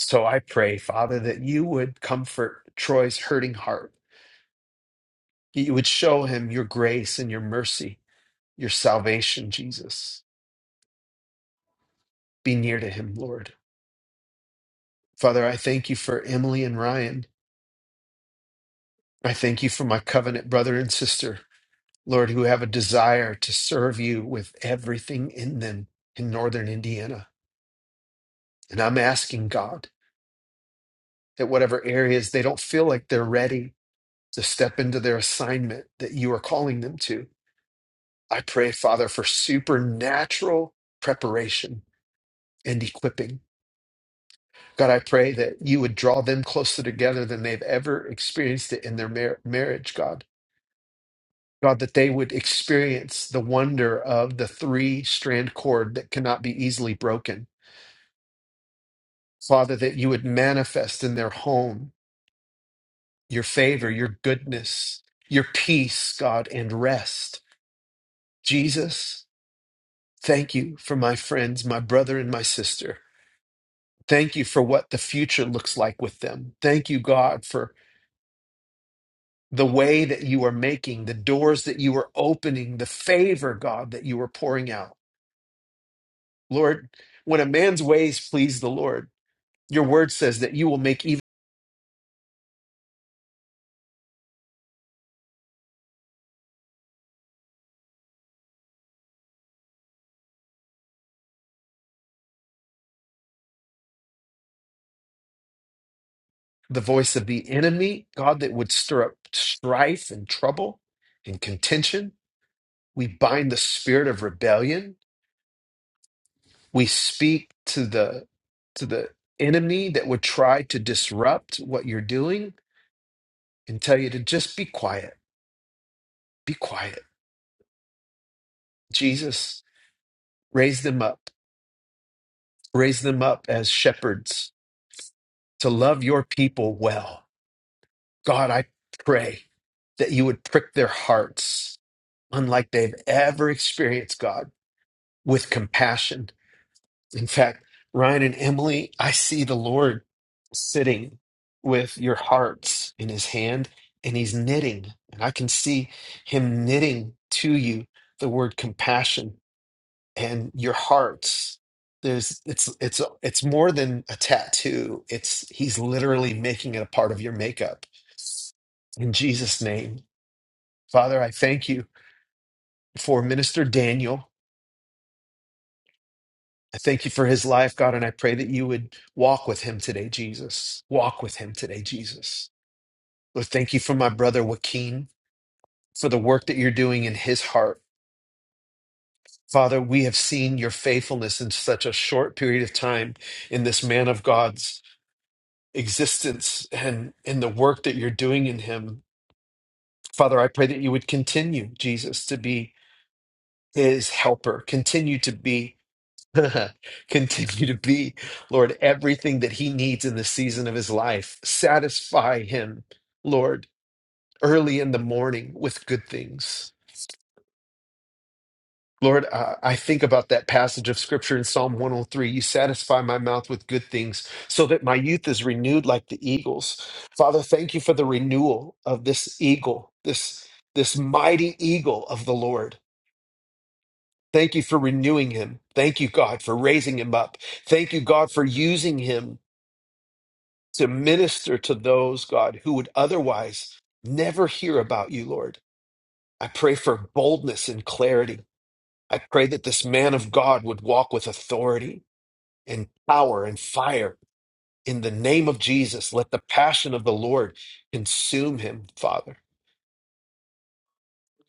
[SPEAKER 1] So I pray, Father, that you would comfort Troy's hurting heart that you would show him your grace and your mercy, your salvation, Jesus. Be near to him, Lord. Father, I thank you for Emily and Ryan. I thank you for my covenant brother and sister, Lord, who have a desire to serve you with everything in them in northern Indiana. And I'm asking God that whatever areas they don't feel like they're ready to step into their assignment that you are calling them to, I pray, Father, for supernatural preparation and equipping God, I pray that you would draw them closer together than they've ever experienced it in their mar- marriage, God. God, that they would experience the wonder of the three strand cord that cannot be easily broken. Father, that you would manifest in their home your favor, your goodness, your peace, God, and rest. Jesus, thank you for my friends, my brother, and my sister. Thank you for what the future looks like with them. Thank you, God, for the way that you are making, the doors that you are opening, the favor, God, that you are pouring out. Lord, when a man's ways please the Lord, your word says that you will make even the voice of the enemy, God, that would stir up strife and trouble and contention. We bind the spirit of rebellion. We speak to the to the enemy that would try to disrupt what you're doing and tell you to just be quiet. Be quiet. Jesus, raise them up Raise them up as shepherds to love your people well. God, I pray that you would prick their hearts, unlike they've ever experienced, God, with compassion. In fact, Ryan and Emily, I see the Lord sitting with your hearts in his hand, and he's knitting. And I can see him knitting to you the word compassion and your hearts there's it's it's it's more than a tattoo it's he's literally making it a part of your makeup in jesus name father i thank you for minister daniel i thank you for his life god and i pray that you would walk with him today jesus walk with him today jesus lord thank you for my brother joaquin for the work that you're doing in his heart father we have seen your faithfulness in such a short period of time in this man of god's existence and in the work that you're doing in him. Father, I pray that you would continue, Jesus, to be his helper, continue to be, [laughs] continue to be, Lord, everything that he needs in the season of his life. Satisfy him, Lord, early in the morning with good things. Lord, uh, I think about that passage of scripture in Psalm 103. You satisfy my mouth with good things so that my youth is renewed like the eagles. Father, thank you for the renewal of this eagle, this, this mighty eagle of the Lord. Thank you for renewing him. Thank you, God, for raising him up. Thank you, God, for using him to minister to those, God, who would otherwise never hear about you, Lord. I pray for boldness and clarity. I pray that this man of God would walk with authority and power and fire in the name of Jesus. Let the passion of the Lord consume him, Father.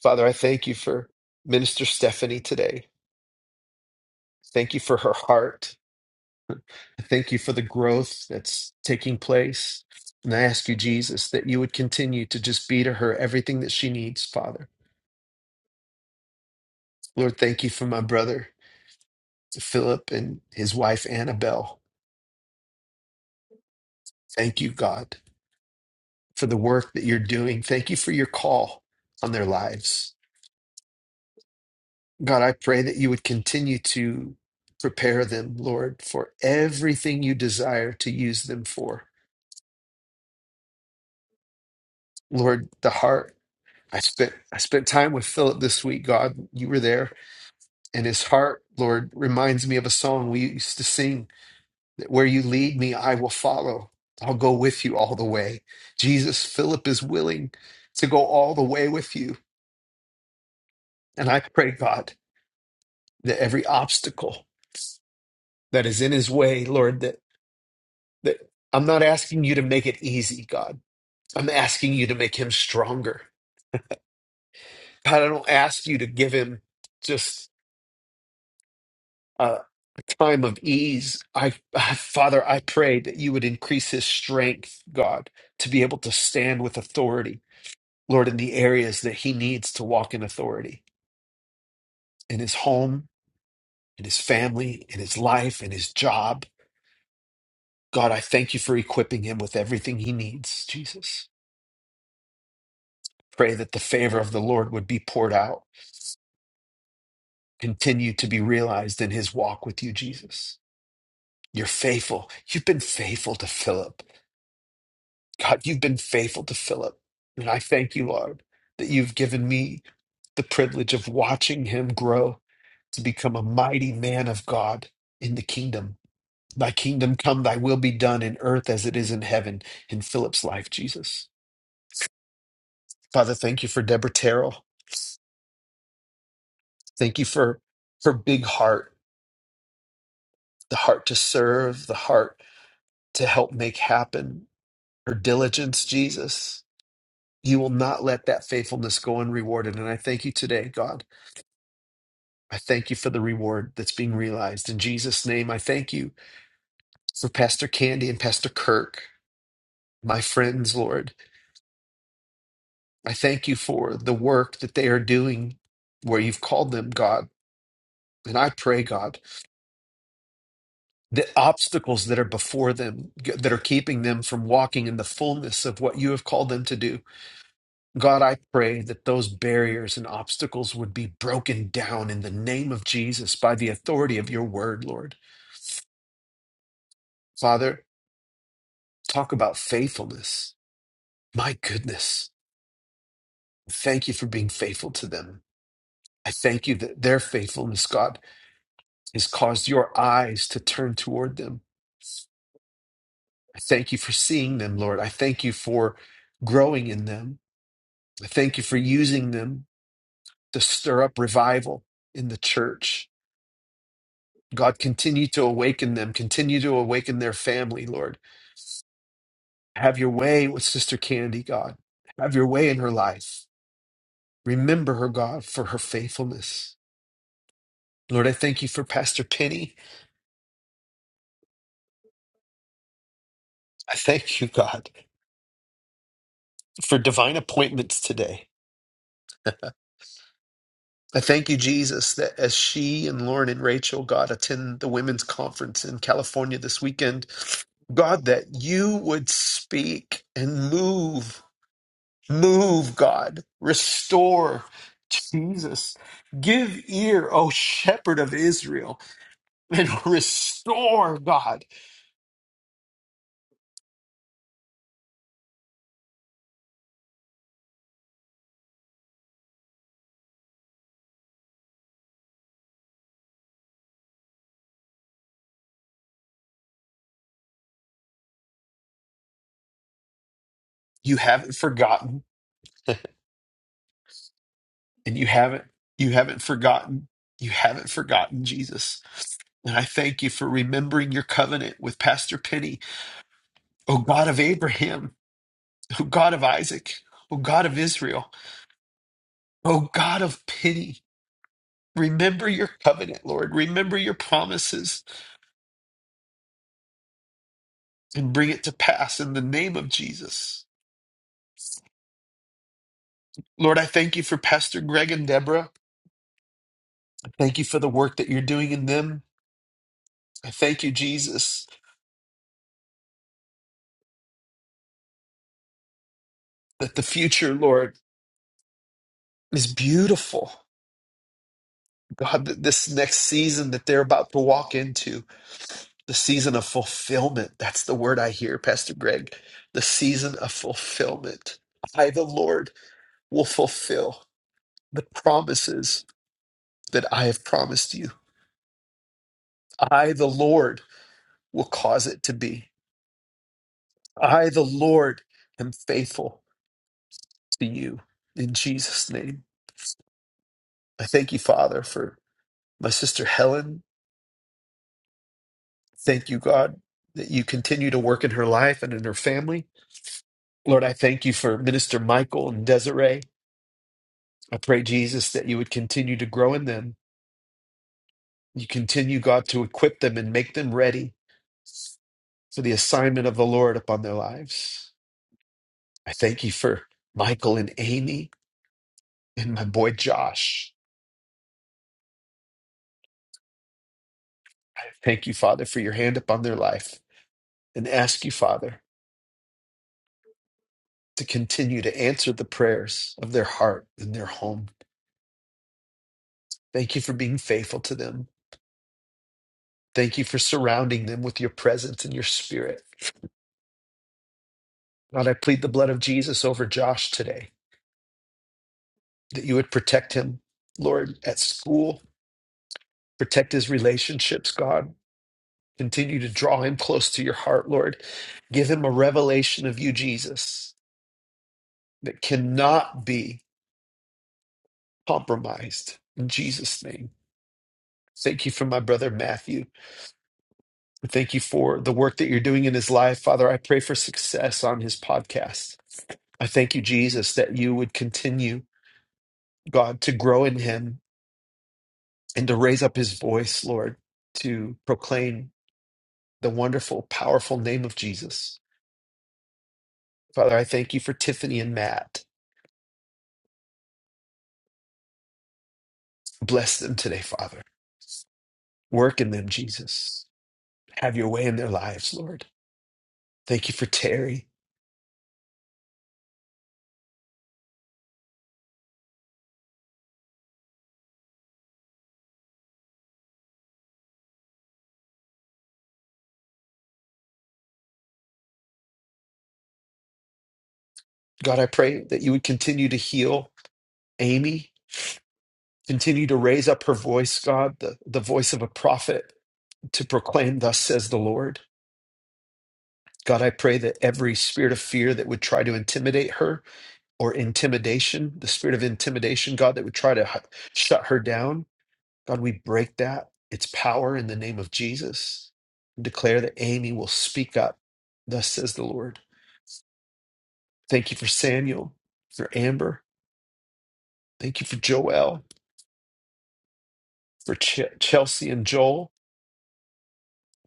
[SPEAKER 1] Father, I thank you for Minister Stephanie today. Thank you for her heart. I Thank you for the growth that's taking place. And I ask you, Jesus, that you would continue to just be to her everything that she needs, Father. Lord, thank you for my brother, Philip, and his wife, Annabelle. Thank you, God, for the work that you're doing. Thank you for your call on their lives. God, I pray that you would continue to prepare them, Lord, for everything you desire to use them for. Lord, the heart. I spent I spent time with Philip this week, God. You were there. And his heart, Lord, reminds me of a song we used to sing that where you lead me, I will follow. I'll go with you all the way. Jesus, Philip is willing to go all the way with you. And I pray, God, that every obstacle that is in his way, Lord, that That I'm not asking you to make it easy, God. I'm asking you to make him stronger. God, I don't ask you to give him just a time of ease. I, I Father, I pray that you would increase his strength, God, to be able to stand with authority, Lord, in the areas that he needs to walk in authority, in his home, in his family, in his life, in his job. God, I thank you for equipping him with everything he needs, Jesus. Pray that the favor of the Lord would be poured out continue to be realized in his walk with you, Jesus. You're faithful. You've been faithful to Philip. God, you've been faithful to Philip. And I thank you, Lord, that you've given me the privilege of watching him grow to become a mighty man of God in the kingdom. Thy kingdom come, thy will be done in earth as it is in heaven in Philip's life, Jesus. Father, thank you for Deborah Terrell. Thank you for her big heart, the heart to serve, the heart to help make happen, your diligence, Jesus. You will not let that faithfulness go unrewarded. And I thank you today, God. I thank you for the reward that's being realized. In Jesus' name, I thank you for Pastor Candy and Pastor Kirk, my friends, Lord. I thank you for the work that they are doing where you've called them, God. And I pray, God, the obstacles that are before them, that are keeping them from walking in the fullness of what you have called them to do. God, I pray that those barriers and obstacles would be broken down in the name of Jesus by the authority of your word, Lord. Father, talk about faithfulness. My goodness. Thank you for being faithful to them. I thank you that their faithfulness, God, has caused your eyes to turn toward them. I thank you for seeing them, Lord. I thank you for growing in them. I thank you for using them to stir up revival in the church. God, continue to awaken them, continue to awaken their family, Lord. Have your way with Sister Candy, God. Have your way in her life. Remember her, God, for her faithfulness. Lord, I thank you for Pastor Penny. I thank you, God, for divine appointments today. I thank you, Jesus, that as she and Lauren and Rachel, God, attend the women's conference in California this weekend, God, that you would speak and move Move, God. Restore, Jesus. Give ear, O shepherd of Israel, and [laughs] restore, God. You haven't forgotten, and you haven't, you haven't forgotten, you haven't forgotten, Jesus. And I thank you for remembering your covenant with Pastor Penny, O God of Abraham, O God of Isaac, O God of Israel, O God of Penny. Remember your covenant, Lord. Remember your promises. and bring it to pass in the name of Jesus. Lord, I thank you for Pastor Greg and Deborah. I thank you for the work that you're doing in them. I thank you, Jesus, that the future, Lord, is beautiful. God, that this next season that they're about to walk into, the season of fulfillment. That's the word I hear, Pastor Greg. The season of fulfillment. I, the Lord, will fulfill the promises that I have promised you. I, the Lord, will cause it to be. I, the Lord, am faithful to you in Jesus' name. I thank you, Father, for my sister Helen. Thank you, God, that you continue to work in her life and in her family. Lord, I thank you for Minister Michael and Desiree. I pray, Jesus, that you would continue to grow in them. You continue, God, to equip them and make them ready for the assignment of the Lord upon their lives. I thank you for Michael and Amy and my boy Josh. Thank you, Father, for your hand upon their life and ask you, Father, to continue to answer the prayers of their heart and their home. Thank you for being faithful to them. Thank you for surrounding them with your presence and your spirit. God, I plead the blood of Jesus over Josh today, that you would protect him, Lord, at school, protect his relationships, God. Continue to draw him close to your heart, Lord. Give him a revelation of you, Jesus, that cannot be compromised. In Jesus' name. Thank you for my brother Matthew. And Thank you for the work that you're doing in his life. Father, I pray for success on his podcast. I thank you, Jesus, that you would continue, God, to grow in him and to raise up his voice, Lord, to proclaim the wonderful, powerful name of Jesus. Father, I thank you for Tiffany and Matt. Bless them today, Father. Work in them, Jesus. Have your way in their lives, Lord. Thank you for Terry. God, I pray that you would continue to heal Amy Continue to raise up her voice, God, the, the voice of a prophet to proclaim, Thus says the Lord. God, I pray that every spirit of fear that would try to intimidate her or intimidation, the spirit of intimidation, God, that would try to hu- shut her down, God, we break that, its power in the name of Jesus. Declare that Amy will speak up. Thus says the Lord. Thank you for Samuel, for Amber. Thank you for Joel, for Ch- Chelsea and Joel.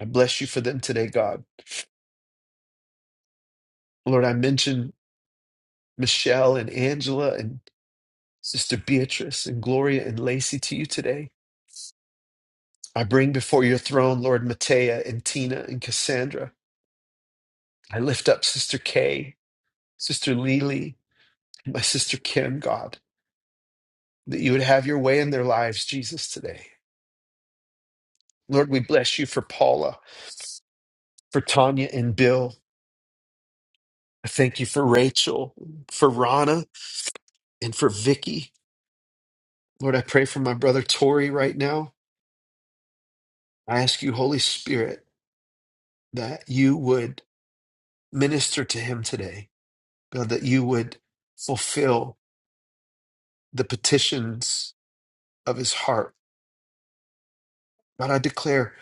[SPEAKER 1] I bless you for them today, God. Lord, I mentioned. Michelle and Angela and Sister Beatrice and Gloria and Lacey to you today. I bring before your throne, Lord Matea and Tina and Cassandra. I lift up Sister Kay, Sister Lily, and my sister Kim, God, that you would have your way in their lives, Jesus, today. Lord, we bless you for Paula, for Tanya and Bill. I thank you for Rachel, for Rana, and for Vicky. Lord, I pray for my brother Tori right now. I ask you, Holy Spirit, that you would Minister to him today, God, that you would fulfill the petitions of his heart. God, I declare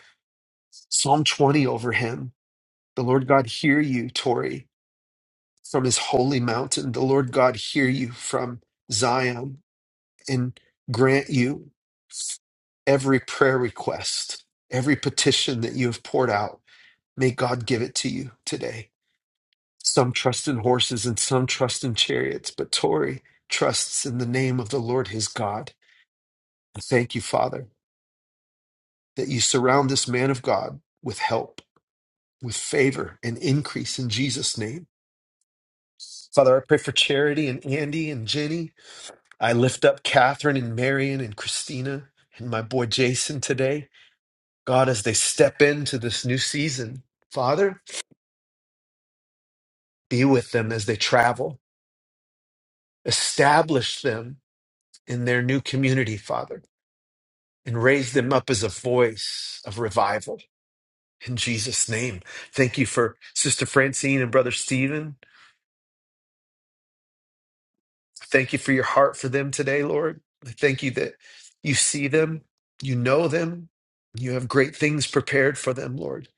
[SPEAKER 1] Psalm 20 over him. The Lord God hear you, Tori, from his holy mountain. The Lord God hear you from Zion and grant you every prayer request, every petition that you have poured out. May God give it to you today. Some trust in horses and some trust in chariots, but Tori trusts in the name of the Lord his God. I thank you, Father, that you surround this man of God with help, with favor, and increase in Jesus' name. Father, I pray for Charity and Andy and Jenny. I lift up Catherine and Marion and Christina and my boy Jason today. God, as they step into this new season, Father, be with them as they travel. Establish them in their new community, Father and raise them up as a voice of revival in Jesus' name. Thank you for Sister Francine and Brother Stephen. Thank you for your heart for them today, Lord. I Thank you that you see them, you know them, you have great things prepared for them, Lord.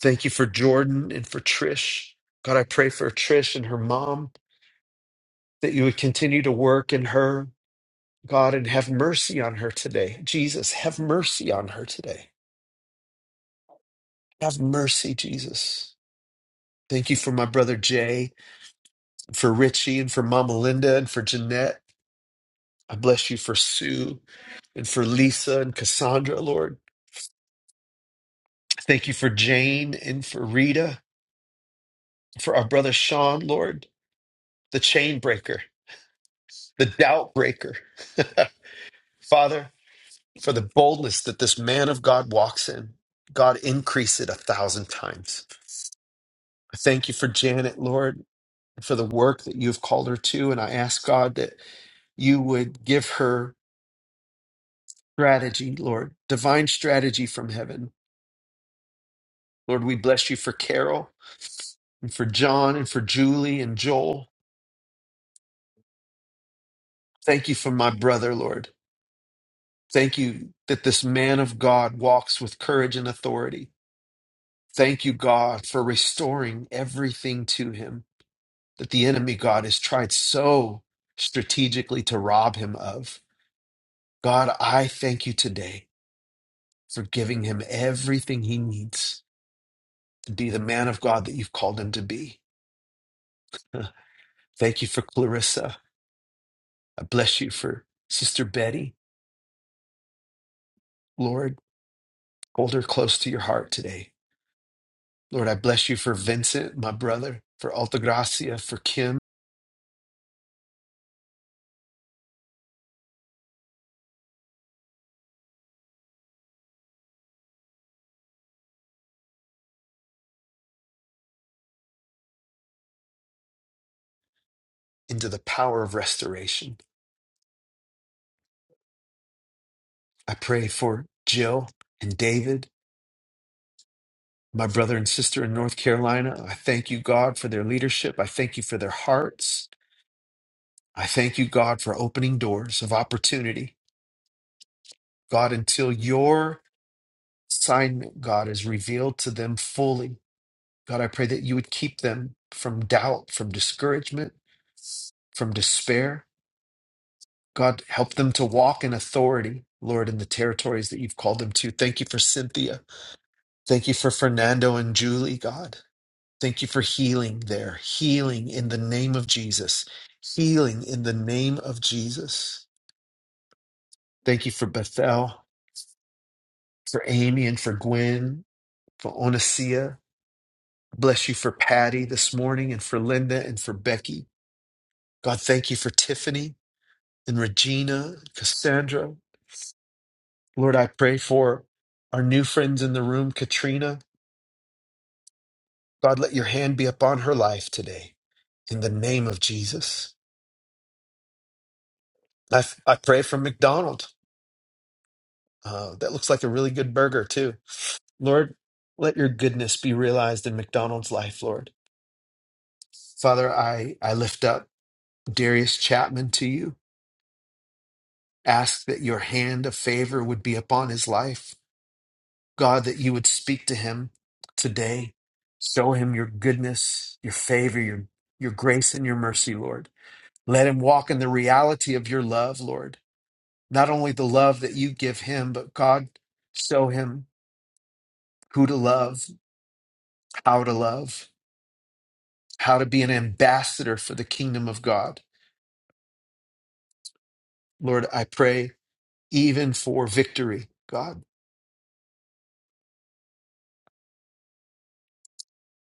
[SPEAKER 1] Thank you for Jordan and for Trish. God, I pray for Trish and her mom that you would continue to work in her, God, and have mercy on her today. Jesus, have mercy on her today. Have mercy, Jesus. Thank you for my brother Jay, for Richie, and for Mama Linda, and for Jeanette. I bless you for Sue, and for Lisa, and Cassandra, Lord. Thank you for Jane, and for Rita, for our brother Sean, Lord, the chain breaker, the doubt breaker. [laughs] Father, for the boldness that this man of God walks in. God, increase it a thousand times. I thank you for Janet, Lord, for the work that you've called her to. And I ask God that you would give her. strategy, Lord, divine strategy from heaven. Lord, we bless you for Carol and for John and for Julie and Joel. Thank you for my brother, Lord. Thank you that this man of God walks with courage and authority. Thank you, God, for restoring everything to him that the enemy, God, has tried so strategically to rob him of. God, I thank you today for giving him everything he needs to be the man of God that you've called him to be. [laughs] Thank you for Clarissa. I bless you for Sister Betty. Lord, hold her close to your heart today. Lord, I bless you for Vincent, my brother, for Altagracia, for Kim, into the power of restoration. I pray for Jill and David, my brother and sister in North Carolina. I thank you, God, for their leadership. I thank you for their hearts. I thank you, God, for opening doors of opportunity. God, until your assignment, God, is revealed to them fully. God, I pray that you would keep them from doubt, from discouragement, from despair. God, help them to walk in authority, Lord, in the territories that you've called them to. Thank you for Cynthia. Thank you for Fernando and Julie, God. Thank you for healing there, healing in the name of Jesus, healing in the name of Jesus. Thank you for Bethel, for Amy, and for Gwen, for Onasia. Bless you for Patty this morning, and for Linda, and for Becky. God, thank you for Tiffany. and Regina, Cassandra. Lord, I pray for our new friends in the room, Katrina. God, let your hand be upon her life today in the name of Jesus. I, I pray for McDonald. Uh, that looks like a really good burger, too. Lord, let your goodness be realized in McDonald's life, Lord. Father, I, I lift up Darius Chapman to you. Ask that your hand of favor would be upon his life God, that you would speak to him today. Show him your goodness, your favor, your, your grace, and your mercy, Lord. Let him walk in the reality of your love, Lord. Not only the love that you give him, but God, show him who to love, how to love, how to be an ambassador for the kingdom of God. Lord, I pray even for victory, God.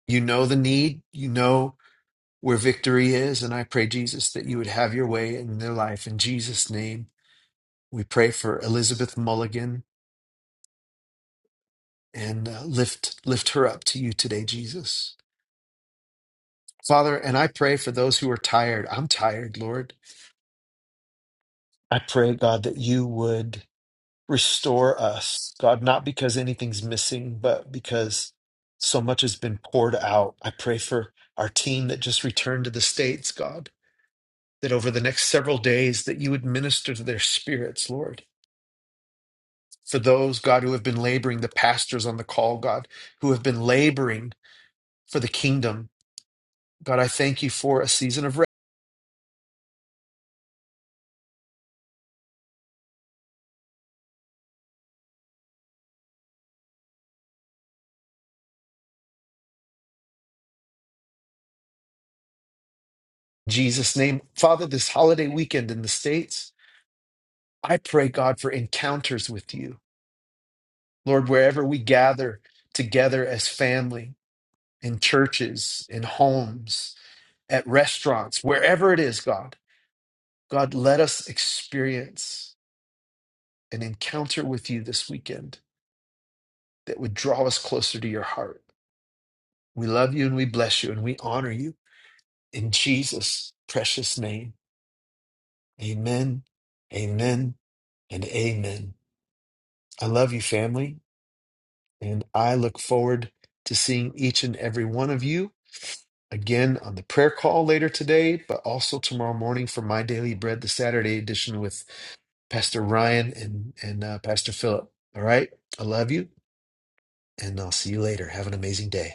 [SPEAKER 1] You know the need, you know where victory is, and I pray, Jesus, that you would have your way in their life. In Jesus' name. We pray for Elizabeth Mulligan and uh, lift lift her up to you today, Jesus. Father, and I pray for those who are tired. I'm tired, Lord. I pray, God, that you would restore us, God, not because anything's missing, but because so much has been poured out. I pray for our team that just returned to the States, God, that over the next several days that you would minister to their spirits, Lord. For those, God, who have been laboring, the pastors on the call, God, who have been laboring for the kingdom. God, I thank you for a season of rest. In Jesus' name, Father, this holiday weekend in the States, I pray, God, for encounters with you. Lord, wherever we gather together as family, in churches, in homes, at restaurants, wherever it is, God, God, let us experience an encounter with you this weekend that would draw us closer to your heart. We love you and we bless you and we honor you in Jesus' precious name. Amen, amen, and amen. I love you, family, and I look forward to seeing each and every one of you again on the prayer call later today, but also tomorrow morning for My Daily Bread, the Saturday edition with Pastor Ryan and, and uh, Pastor Philip. All right, I love you, and I'll see you later. Have an amazing day.